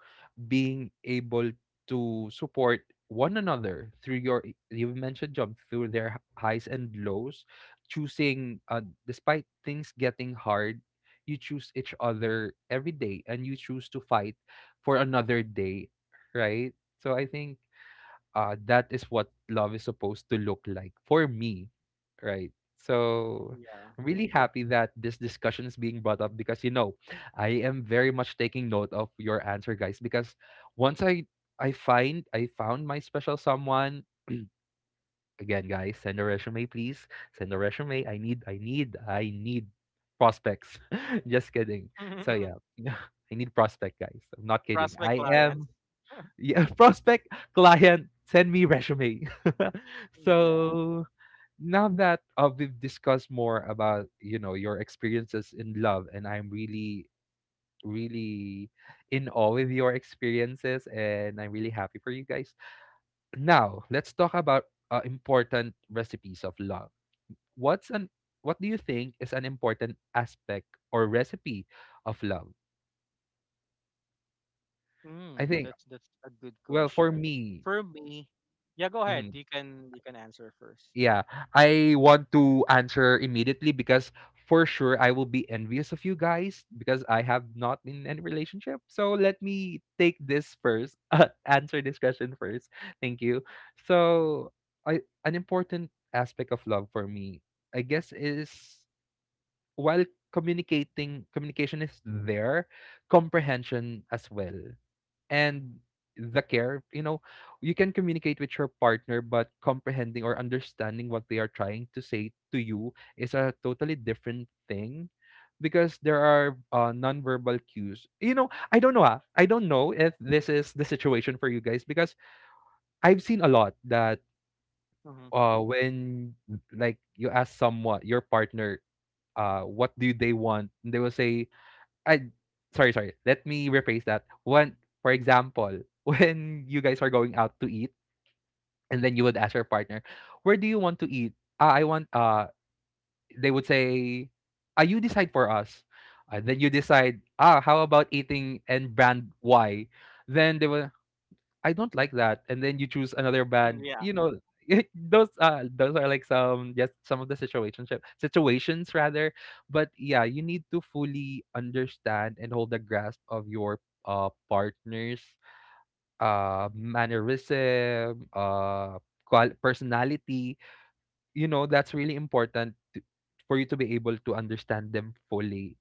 A: being able to support one another through your, you mentioned job through their highs and lows, choosing despite things getting hard, you choose each other every day and you choose to fight for another day, right? So I think that is what love is supposed to look like for me, right? So
C: Yeah.
A: I'm really happy that this discussion is being brought up because, you know, I am very much taking note of your answer, guys. Because once I find I found my special someone. Again, guys, send a resume, please. Send a resume. I need prospects. [LAUGHS] Just kidding. So yeah,
C: [LAUGHS]
A: [LAUGHS] I need prospect, guys. I'm not kidding.
C: Prospect
A: I
C: clients.
A: am yeah, [LAUGHS] prospect client, send me resume. [LAUGHS]
C: Yeah.
A: So now that we've discussed more about, you know, your experiences in love, and I'm really in awe with your experiences, and I'm really happy for you guys. Now let's talk about important recipes of love. What's an what do you think is an important aspect or recipe of love? I
C: Mm,
A: think,
C: that's a good
A: well, for
C: question.
A: me,
C: For me, yeah. Go ahead.
A: mm-hmm,
C: You can answer 1st.
A: yeah, I want to answer immediately because for sure I will be envious of you guys because I have not been in any relationship. So let me take this first, [LAUGHS] answer this question first. Thank you. So, I, an important aspect of love for me, I guess, is while communication is there, comprehension as well, and the care. You know, you can communicate with your partner, but comprehending or understanding what they are trying to say to you is a totally different thing because there are nonverbal cues. You know, I don't know if this is the situation for you guys because I've seen a lot that when like you ask someone your partner what do they want and they will say I, sorry, sorry. Let me rephrase that. When, for example, [LAUGHS] when you guys are going out to eat, and then you would ask your partner, "Where do you want to eat?" I want. They would say, "Ah, you decide for us." Then you decide. Ah, how about eating and brand Y? Then they will. I don't like that. And then you choose another band.
C: Mm-hmm. Yeah.
A: You know, [LAUGHS] those are like some, just some of the situationship situations rather. But yeah, you need to fully understand and hold a grasp of your partner's mannerism, personality. You know, that's really important to, for you to be able to understand them fully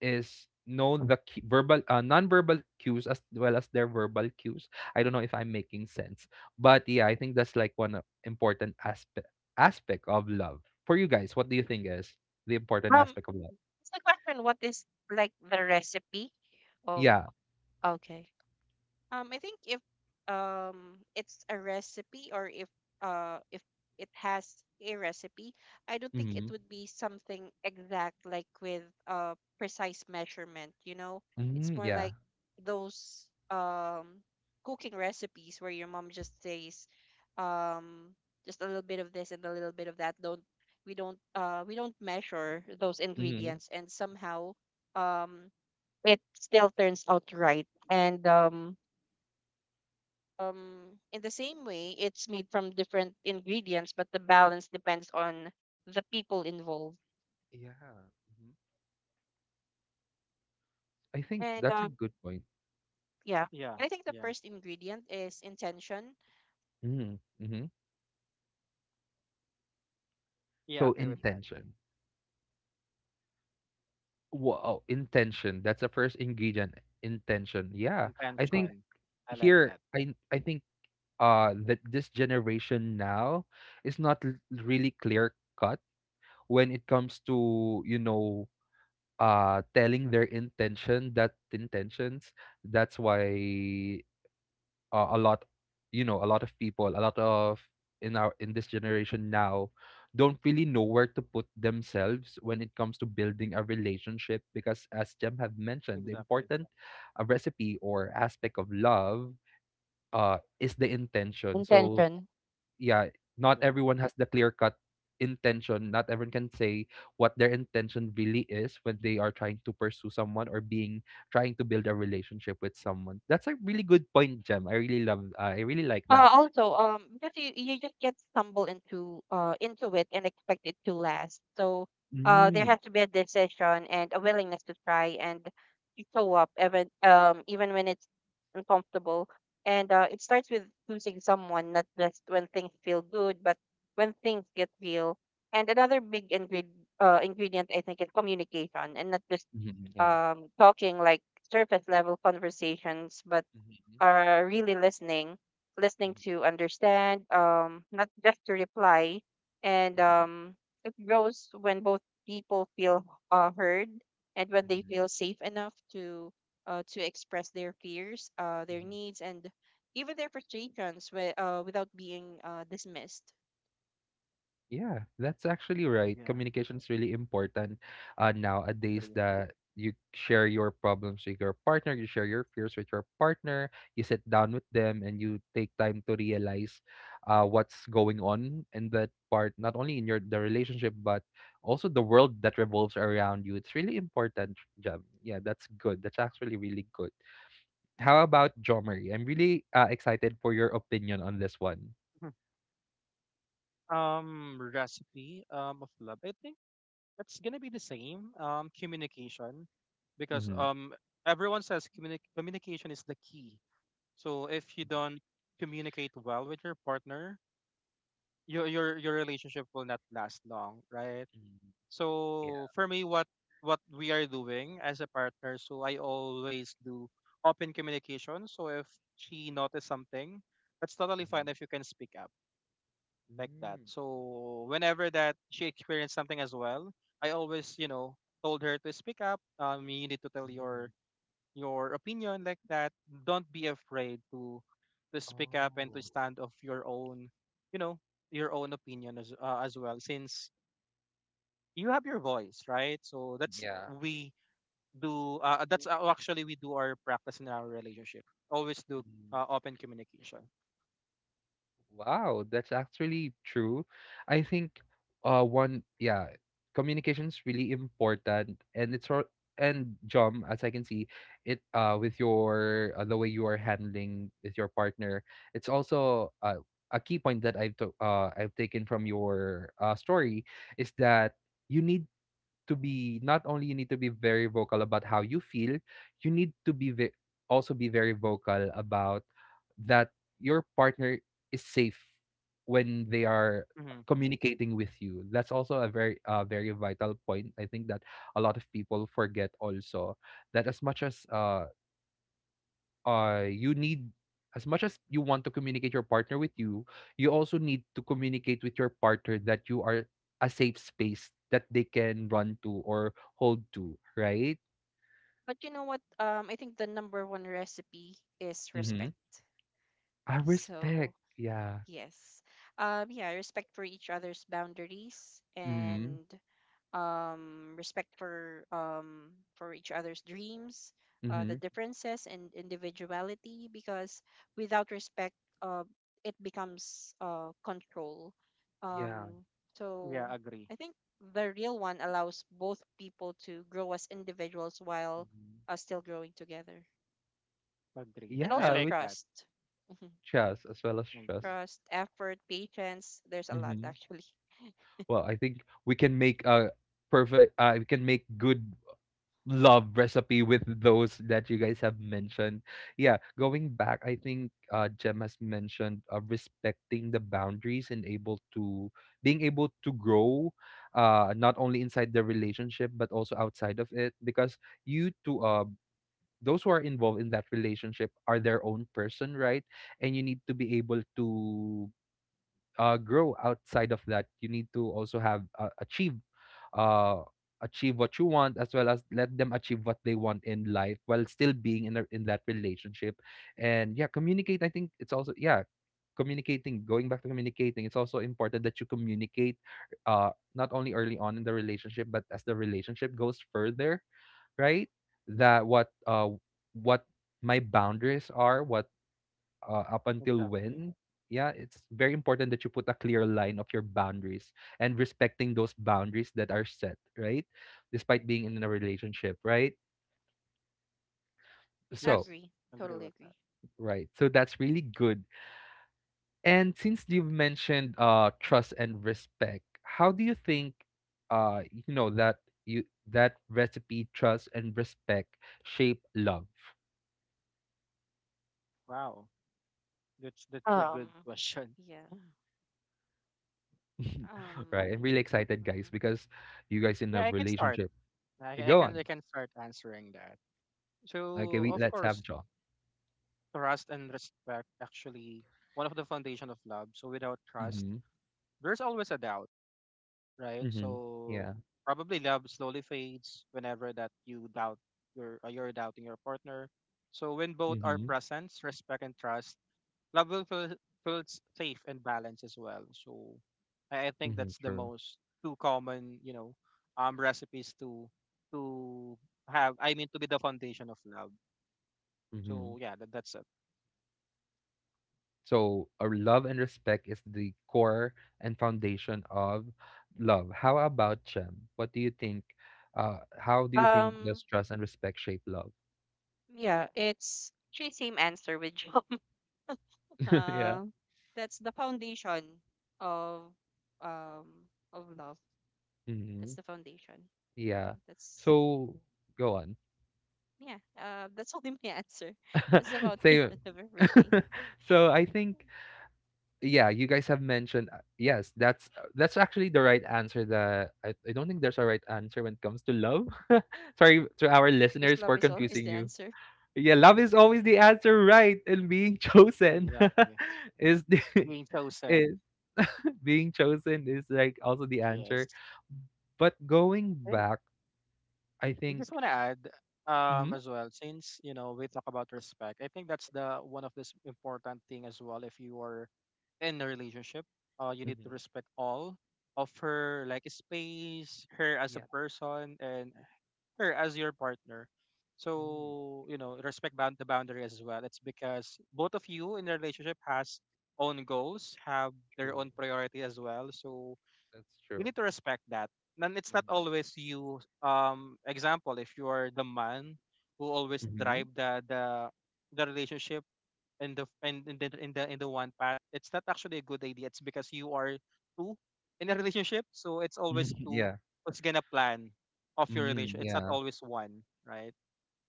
A: is know the verbal non-verbal cues as well as their verbal cues. I don't know if I'm making sense, but yeah, I think that's like one important aspect aspect of love. For you guys, what do you think is the important
B: um
A: aspect of love?
B: it's the question, what is, like, the recipe of?
A: Yeah.
B: Okay. I think if, it's a recipe, or if it has a recipe, I don't think
A: Mm-hmm.
B: it would be something exact, like with, precise measurement, you know? It's
A: Mm-hmm.
B: more
A: Yeah.
B: like those, cooking recipes where your mom just says, um just a little bit of this and a little bit of that. Don't, we don't measure those
A: Mm-hmm.
B: ingredients, and somehow, um it still turns out right. And in the same way, it's made from different ingredients, but the balance depends on the people involved.
A: Yeah. Hmm, I think
B: And,
A: that's a good point.
B: yeah,
C: Yeah.
B: I think the
C: Yeah.
B: first ingredient is intention.
A: Mm-hmm. Mm-hmm.
C: Yeah.
A: So
C: Agree with that.
A: intention. Wow, intention. That's the first ingredient. Intention. Yeah. I think
C: Intention. I like that.
A: I think that this generation now is not really clear cut when it comes to, you know, telling their intentions. That's why a lot you know, a lot of people, a lot of in our, in this generation now, don't really know where to put themselves when it comes to building a relationship because, as Jem had mentioned, the
C: Exactly.
A: important recipe or aspect of love is the intention. So
B: Intention.
A: yeah, not
C: Yeah.
A: everyone has the clear cut intention. Not everyone can say what their intention really is when they are trying to pursue someone or being trying to build a relationship with someone. That's a really good point, Jem. I really love. I really like that.
B: Also, because you just get stumble into it and expect it to last. So, there
A: Mm.
B: has to be a decision and a willingness to try and to show up even, when it's uncomfortable. And, it starts with choosing someone, not just when things feel good, but when things get real. And another big ingredient, I think, is communication, and not just,
A: Hmm. Yeah.
B: talking, like, surface level conversations, but
A: Hmm.
B: are really listening, listening
A: Hmm.
B: to understand, not just to reply. And, it grows when both people feel, heard, and when they
A: Hmm.
B: feel safe enough to express their fears, their
A: Hmm.
B: needs, and even their frustrations, without being, dismissed.
A: Yeah, that's actually right.
C: Yeah.
A: Communication is really important nowadays,
C: Agree.
A: that you share your problems with your partner, you share your fears with your partner, you sit down with them and you take time to realize what's going on in that part, not only in your the relationship, but also the world that revolves around you. It's really important, Jam. Yeah, that's good. That's actually really good. How about Jomari? I'm really excited for your opinion on this one.
C: [LAUGHS] Recipe, um, of love. I think it's gonna be the same, communication, because,
A: Mm-hmm.
C: everyone says communication is the key. So if you
A: Mm,
C: don't communicate well with your partner, your relationship will not last long, right?
A: mm,
C: So for me, what we are doing as a partner, so I always do open communication. So if she notices something, that's totally fine
A: yeah.
C: if you can speak up like that.
A: Mm.
C: So whenever that she experienced something as well, I always, you know, told her to speak up. You need to tell your opinion like that. Don't be afraid to speak up and
A: Oh,
C: to stand of your own, you know, your own opinion as, as well. Since you have your voice, right? So that's
A: yeah.
C: we do. That's, actually we do our practice in our relationship. Always do,
A: Mhm.
C: open communication.
A: Wow, that's actually true. I think one yeah, communication's really important and it's all. And Jom, as I can see, it with your the way you are handling with your partner, it's also a key point that I've taken from your story is that you need to be, not only you need to be very vocal about how you feel, you need to be also be very vocal about that your partner is safe when they are
C: Hmm.
A: communicating with you. That's also a very very vital point. I think that a lot of people forget also that as much as you need, as much as you want to communicate your partner with you, you also need to communicate with your partner that you are a safe space that they can run to or hold to, right?
B: But you know what? I think the number one recipe is
A: Mm-hmm.
B: respect.
A: I
B: So
A: respect, yeah.
B: yes, yeah, respect for each other's boundaries,
A: Mm-hmm.
B: and, respect for each other's dreams,
A: Mm-hmm.
B: the differences and individuality. Because without respect, uh, it becomes, control.
A: Yeah.
B: Um,
C: Yeah,
B: so
C: agree,
B: I think the real one allows both people to grow as individuals while,
A: Mm-hmm.
B: still growing together,
C: agree.
B: and
C: I
A: Yeah,
B: also
C: like
A: with
C: that.
B: trust. Mhm.
A: trust, as well as trust.
C: Agree.
B: Trust, effort, patience. There's a lot
A: Mm-hmm.
B: actually.
A: Well, I think we can make a perfect we can make good love recipe with those that you guys have mentioned. Yeah, going back, I think Jem has mentioned respecting the boundaries and able to being able to grow, not only inside the relationship but also outside of it. Because you two, those who are involved in that relationship are their own person, right? And you need to be able to grow outside of that. You need to also have uh, achieve what you want as well as let them achieve what they want in life while still being in that relationship. And yeah, communicate I think it's also yeah communicating, going back to communicating, it's also important that you communicate not only early on in the relationship but as the relationship goes further, right? That what my boundaries are, what up until
C: Exactly.
A: when. Yeah, it's very important that you put a clear line of your boundaries and respecting those boundaries that are set, right? Despite being in a relationship, right? So
C: Yes,
B: Agree.
C: agree
B: Totally
C: with
B: agree.
C: that.
A: right, so that's really good. And since you've mentioned trust and respect, how do you think you know you that recipe, trust and respect, shape love?
C: Wow, that's a good
B: Um.
C: question.
B: Yeah.
C: [LAUGHS]
A: [LAUGHS] Right, I'm really
B: Um,
A: excited, guys,
B: mhm.
A: because you guys in
C: Yeah,
A: a
C: I can start.
A: relationship. Go on.
C: I can start answering that.
A: Okay,
C: So
A: we,
C: of
A: let's have
C: course,
A: John.
C: trust and respect actually one of the foundation of love. So without trust,
A: Mhm,
C: there's always a doubt, right?
A: mhm.
C: So
A: Yeah.
C: probably love slowly fades whenever that you doubt your, you're doubting your partner. So when both are
A: Mhm,
C: present, respect and trust, love will feels safe and balanced as well. So I think
A: mhm,
C: that's the
A: true.
C: most two common, you know, um, recipes to to have, I mean, to be the foundation of love.
A: Mhm.
C: So yeah, that, that's it.
A: So, love and respect is the core and foundation of love. How about Chem? What do you think? How do you think
B: um,
A: does trust and respect shape love?
B: yeah, it's actually same answer with job. [LAUGHS]
A: [LAUGHS] Yeah.
B: Uh, that's the foundation of um of love.
A: Mm-hmm.
B: That's the foundation. Yeah,
A: Yeah.
B: that's
A: So, go on.
B: yeah. That's [LAUGHS] only my answer. [LAUGHS] That's the
A: [LAUGHS]
B: foundation
A: Say.
B: [LAUGHS] of
A: [LAUGHS]
B: everything.
A: So I think, yeah, you guys have mentioned yes, that's actually the right answer. That I don't think there's a right answer when it comes to love. [LAUGHS] Sorry to our
B: Because
A: listeners
B: love
A: for
B: is always
A: confusing
B: the
A: you.
B: answer.
A: Yeah, love is always the answer, right? And being chosen
C: Exactly.
A: [LAUGHS] is the
C: Being
A: [LAUGHS]
C: chosen.
A: is [LAUGHS] being chosen is like also the
C: Yes.
A: answer. But going
C: And
A: back, I
C: I
A: think.
C: just want to add, um,
A: Mm-hmm,
C: as well, since you know we talk about respect, I think that's the one of this important thing as well. If you are in a relationship, you need to
A: mm-hmm,
C: respect all of her, like space, her as a
A: yeah,
C: person, and her as your partner.
A: mm,
C: So you know, respect bound the boundary as well. It's because both of you in the relationship has own goals, have their
A: true.
C: own priority as well, so
A: That's
C: you
A: true.
C: need to respect that. And it's not always you. Example, if you're the man who always
A: Mm-hmm.
C: drive the the relationship in the in the in the one path, it's not actually a good idea. It's because you are two in a relationship, so it's always
A: Mm-hmm. [LAUGHS]
C: two
A: Yeah.
C: who's gonna plan of your
A: Mm,
C: relation. It's not
A: yeah.
C: always one, right?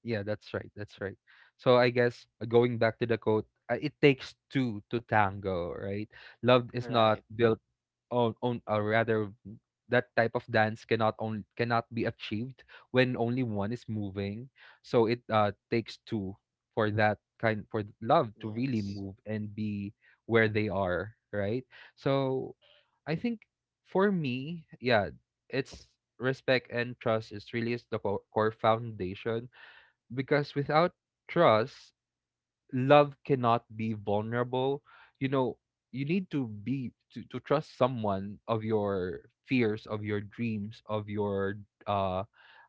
A: Yeah, that's right. That's right. So I guess, going back to the quote, it takes two to tango, right? Love is not
C: Right.
A: built on or rather that type of dance cannot be achieved when only one is moving. So it takes two for that kind for th- love to really
C: Yes.
A: move and be where they are, right? So I think for me, yeah, it's respect and trust is really is the core foundation, because without trust, love cannot be vulnerable. You know, you need to trust someone of your fears, of your dreams, of your uh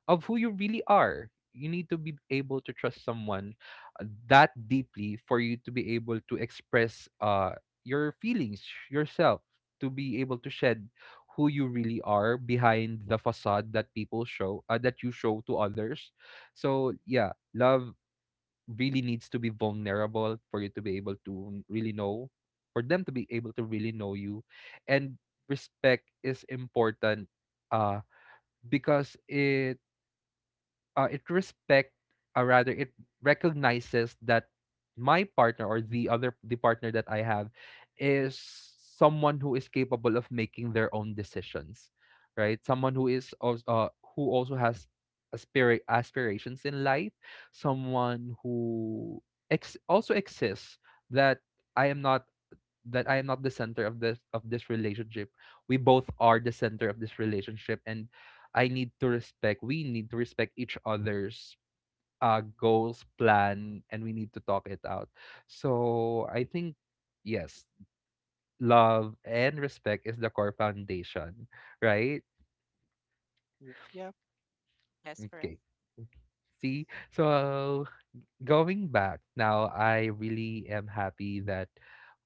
A: of who you really are. You need to be able to trust someone that deeply for you to be able to express your feelings, yourself, to be able to shed who you really are behind the facade that people show that you show to others. So yeah, love really needs to be vulnerable for you to be able to really know, for them to be able to really know you. And respect is important, uh, because it it respect, or rather, it recognizes that my partner, or the partner that I have, is someone who is capable of making their own decisions, right? Someone who also has aspirations in life, someone who also exists, that I am not that I am not the center of this relationship. We both are the center of this relationship, and I need to respect we need to respect each other's goals, plan, and we need to talk it out. So I think yes, love and respect is the core foundation, right?
C: Yeah.
B: Yes, correct.
A: Okay. See? So going back, now I really am happy that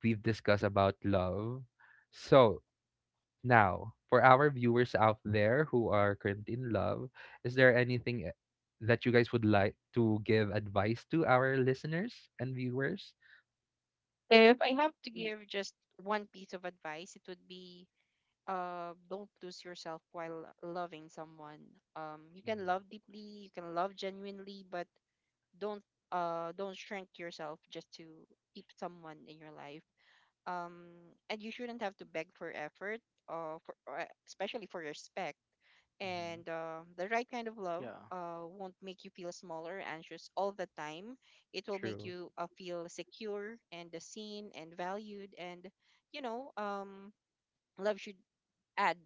A: we've discussed about love. So now, for our viewers out there who are currently in love, is there anything that you guys would like to give advice to our listeners and viewers?
B: If I have to
C: We.
B: give just one piece of advice, it would be, don't lose yourself while loving someone. You can
A: Mm-hmm.
B: love deeply, you can love genuinely, but don't don't shrink yourself just to keep someone in your life. And you shouldn't have to beg for effort, for especially for respect.
A: Mm-hmm.
B: And the right kind of love,
C: Yeah.
B: won't make you feel small or anxious all the time. It will make
A: True.
B: you, feel secure and seen and valued. And, you know, um, love should add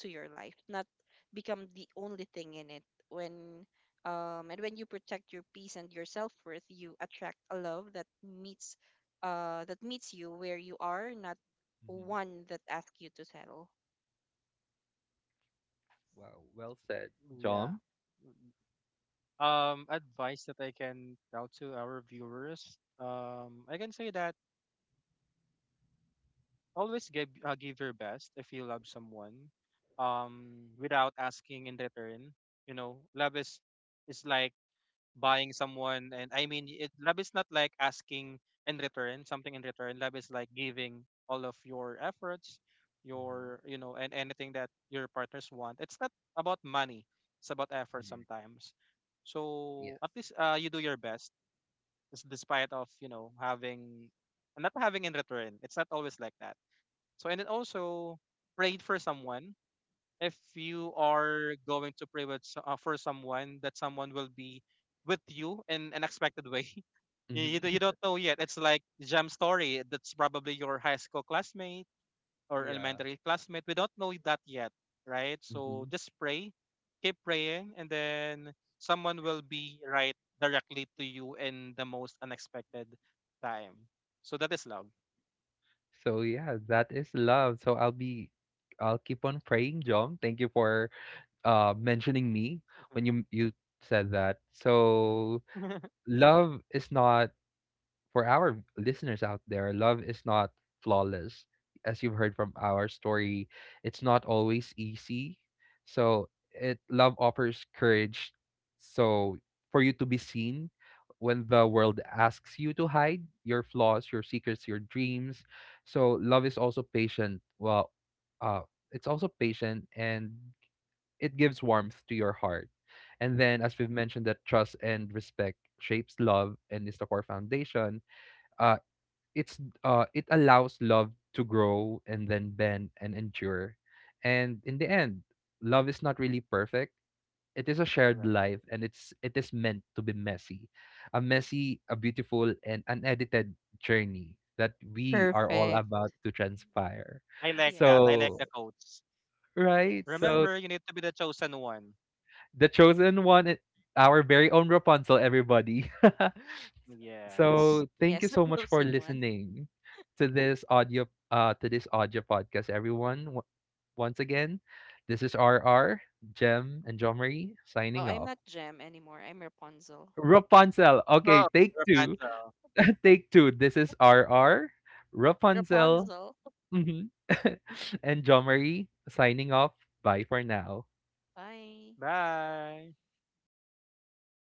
B: to your life, not become the only thing in it. When, and when you protect your peace and your self-worth, you attract a love that meets you where you are, not
A: Mm-hmm.
B: one that asks you to settle.
A: Wow. Well said,
C: Yeah.
A: John.
C: Mm. Advice that I can tell to our viewers. I can say that, always give, give your best if you love someone, without asking in return. You know, love is like buying someone, and I mean, it, love is not like asking in return something in return. Love is like giving all of your efforts,
A: Mm-hmm.
C: your, you know, and anything that your partners want. It's not about money. It's about effort
A: Mhm.
C: sometimes. So
A: Yes.
C: at least, you do your best, despite of, you know, having not having in return. It's not always like that. So and then also prayed for someone. If you are going to pray with for someone, that someone will be with you in an expected way. [LAUGHS]
A: Hmm.
C: You don't know yet. It's like jam story. That's probably your high school classmate
A: [LAUGHS]
C: or
A: Yeah.
C: elementary classmate. We don't know that yet, right? So
A: Hmm.
C: just pray, keep praying, and then someone will be right directly to you in the most unexpected time. So that is love.
A: So yeah, that is love. I'll keep on praying, John. Thank you for mentioning me
C: Mhm.
A: when you said that. So
C: [LAUGHS]
A: love is not for our listeners out there, love is not flawless. As you've heard from our story, it's not always easy. So it love offers courage, so for you to be seen when the world asks you to hide your flaws, your secrets, your dreams. So love is also patient. Well, uh, it's also patient and it gives warmth to your heart. And then, as
C: Yes,
A: we've mentioned, that trust and respect shapes love and is the core foundation, uh it's it allows love to grow and then bend and endure. And in the end, love is not really perfect. It is a shared
C: correct.
A: life, and it is meant to be messy, a beautiful and unedited journey that we are all
B: Perfect.
A: about to transpire.
C: I like that. I like
A: So
C: the
B: Yes.
C: quotes.
A: right,
B: Yes.
A: so
C: Remember, you need to be the chosen one.
A: the chosen one, our very own Rapunzel, everybody. [LAUGHS]
C: Yes.
A: So thank you
B: Yes,
A: so
B: [LAUGHS] the
A: much for
B: chosen one.
A: listening to this audio podcast, everyone. Once again, this is RR, Jem, and John Marie
B: Oh,
A: signing
B: I'm
A: off.
B: not Gem anymore. I'm Rapunzel.
A: Rapunzel. Okay,
C: Oh,
A: take two.
C: Rapunzel.
A: [LAUGHS] Take two. This is RR, Rapunzel,
B: Rapunzel.
A: mhm, [LAUGHS] and John Marie signing off. Bye for now.
B: Bye.
C: Bye.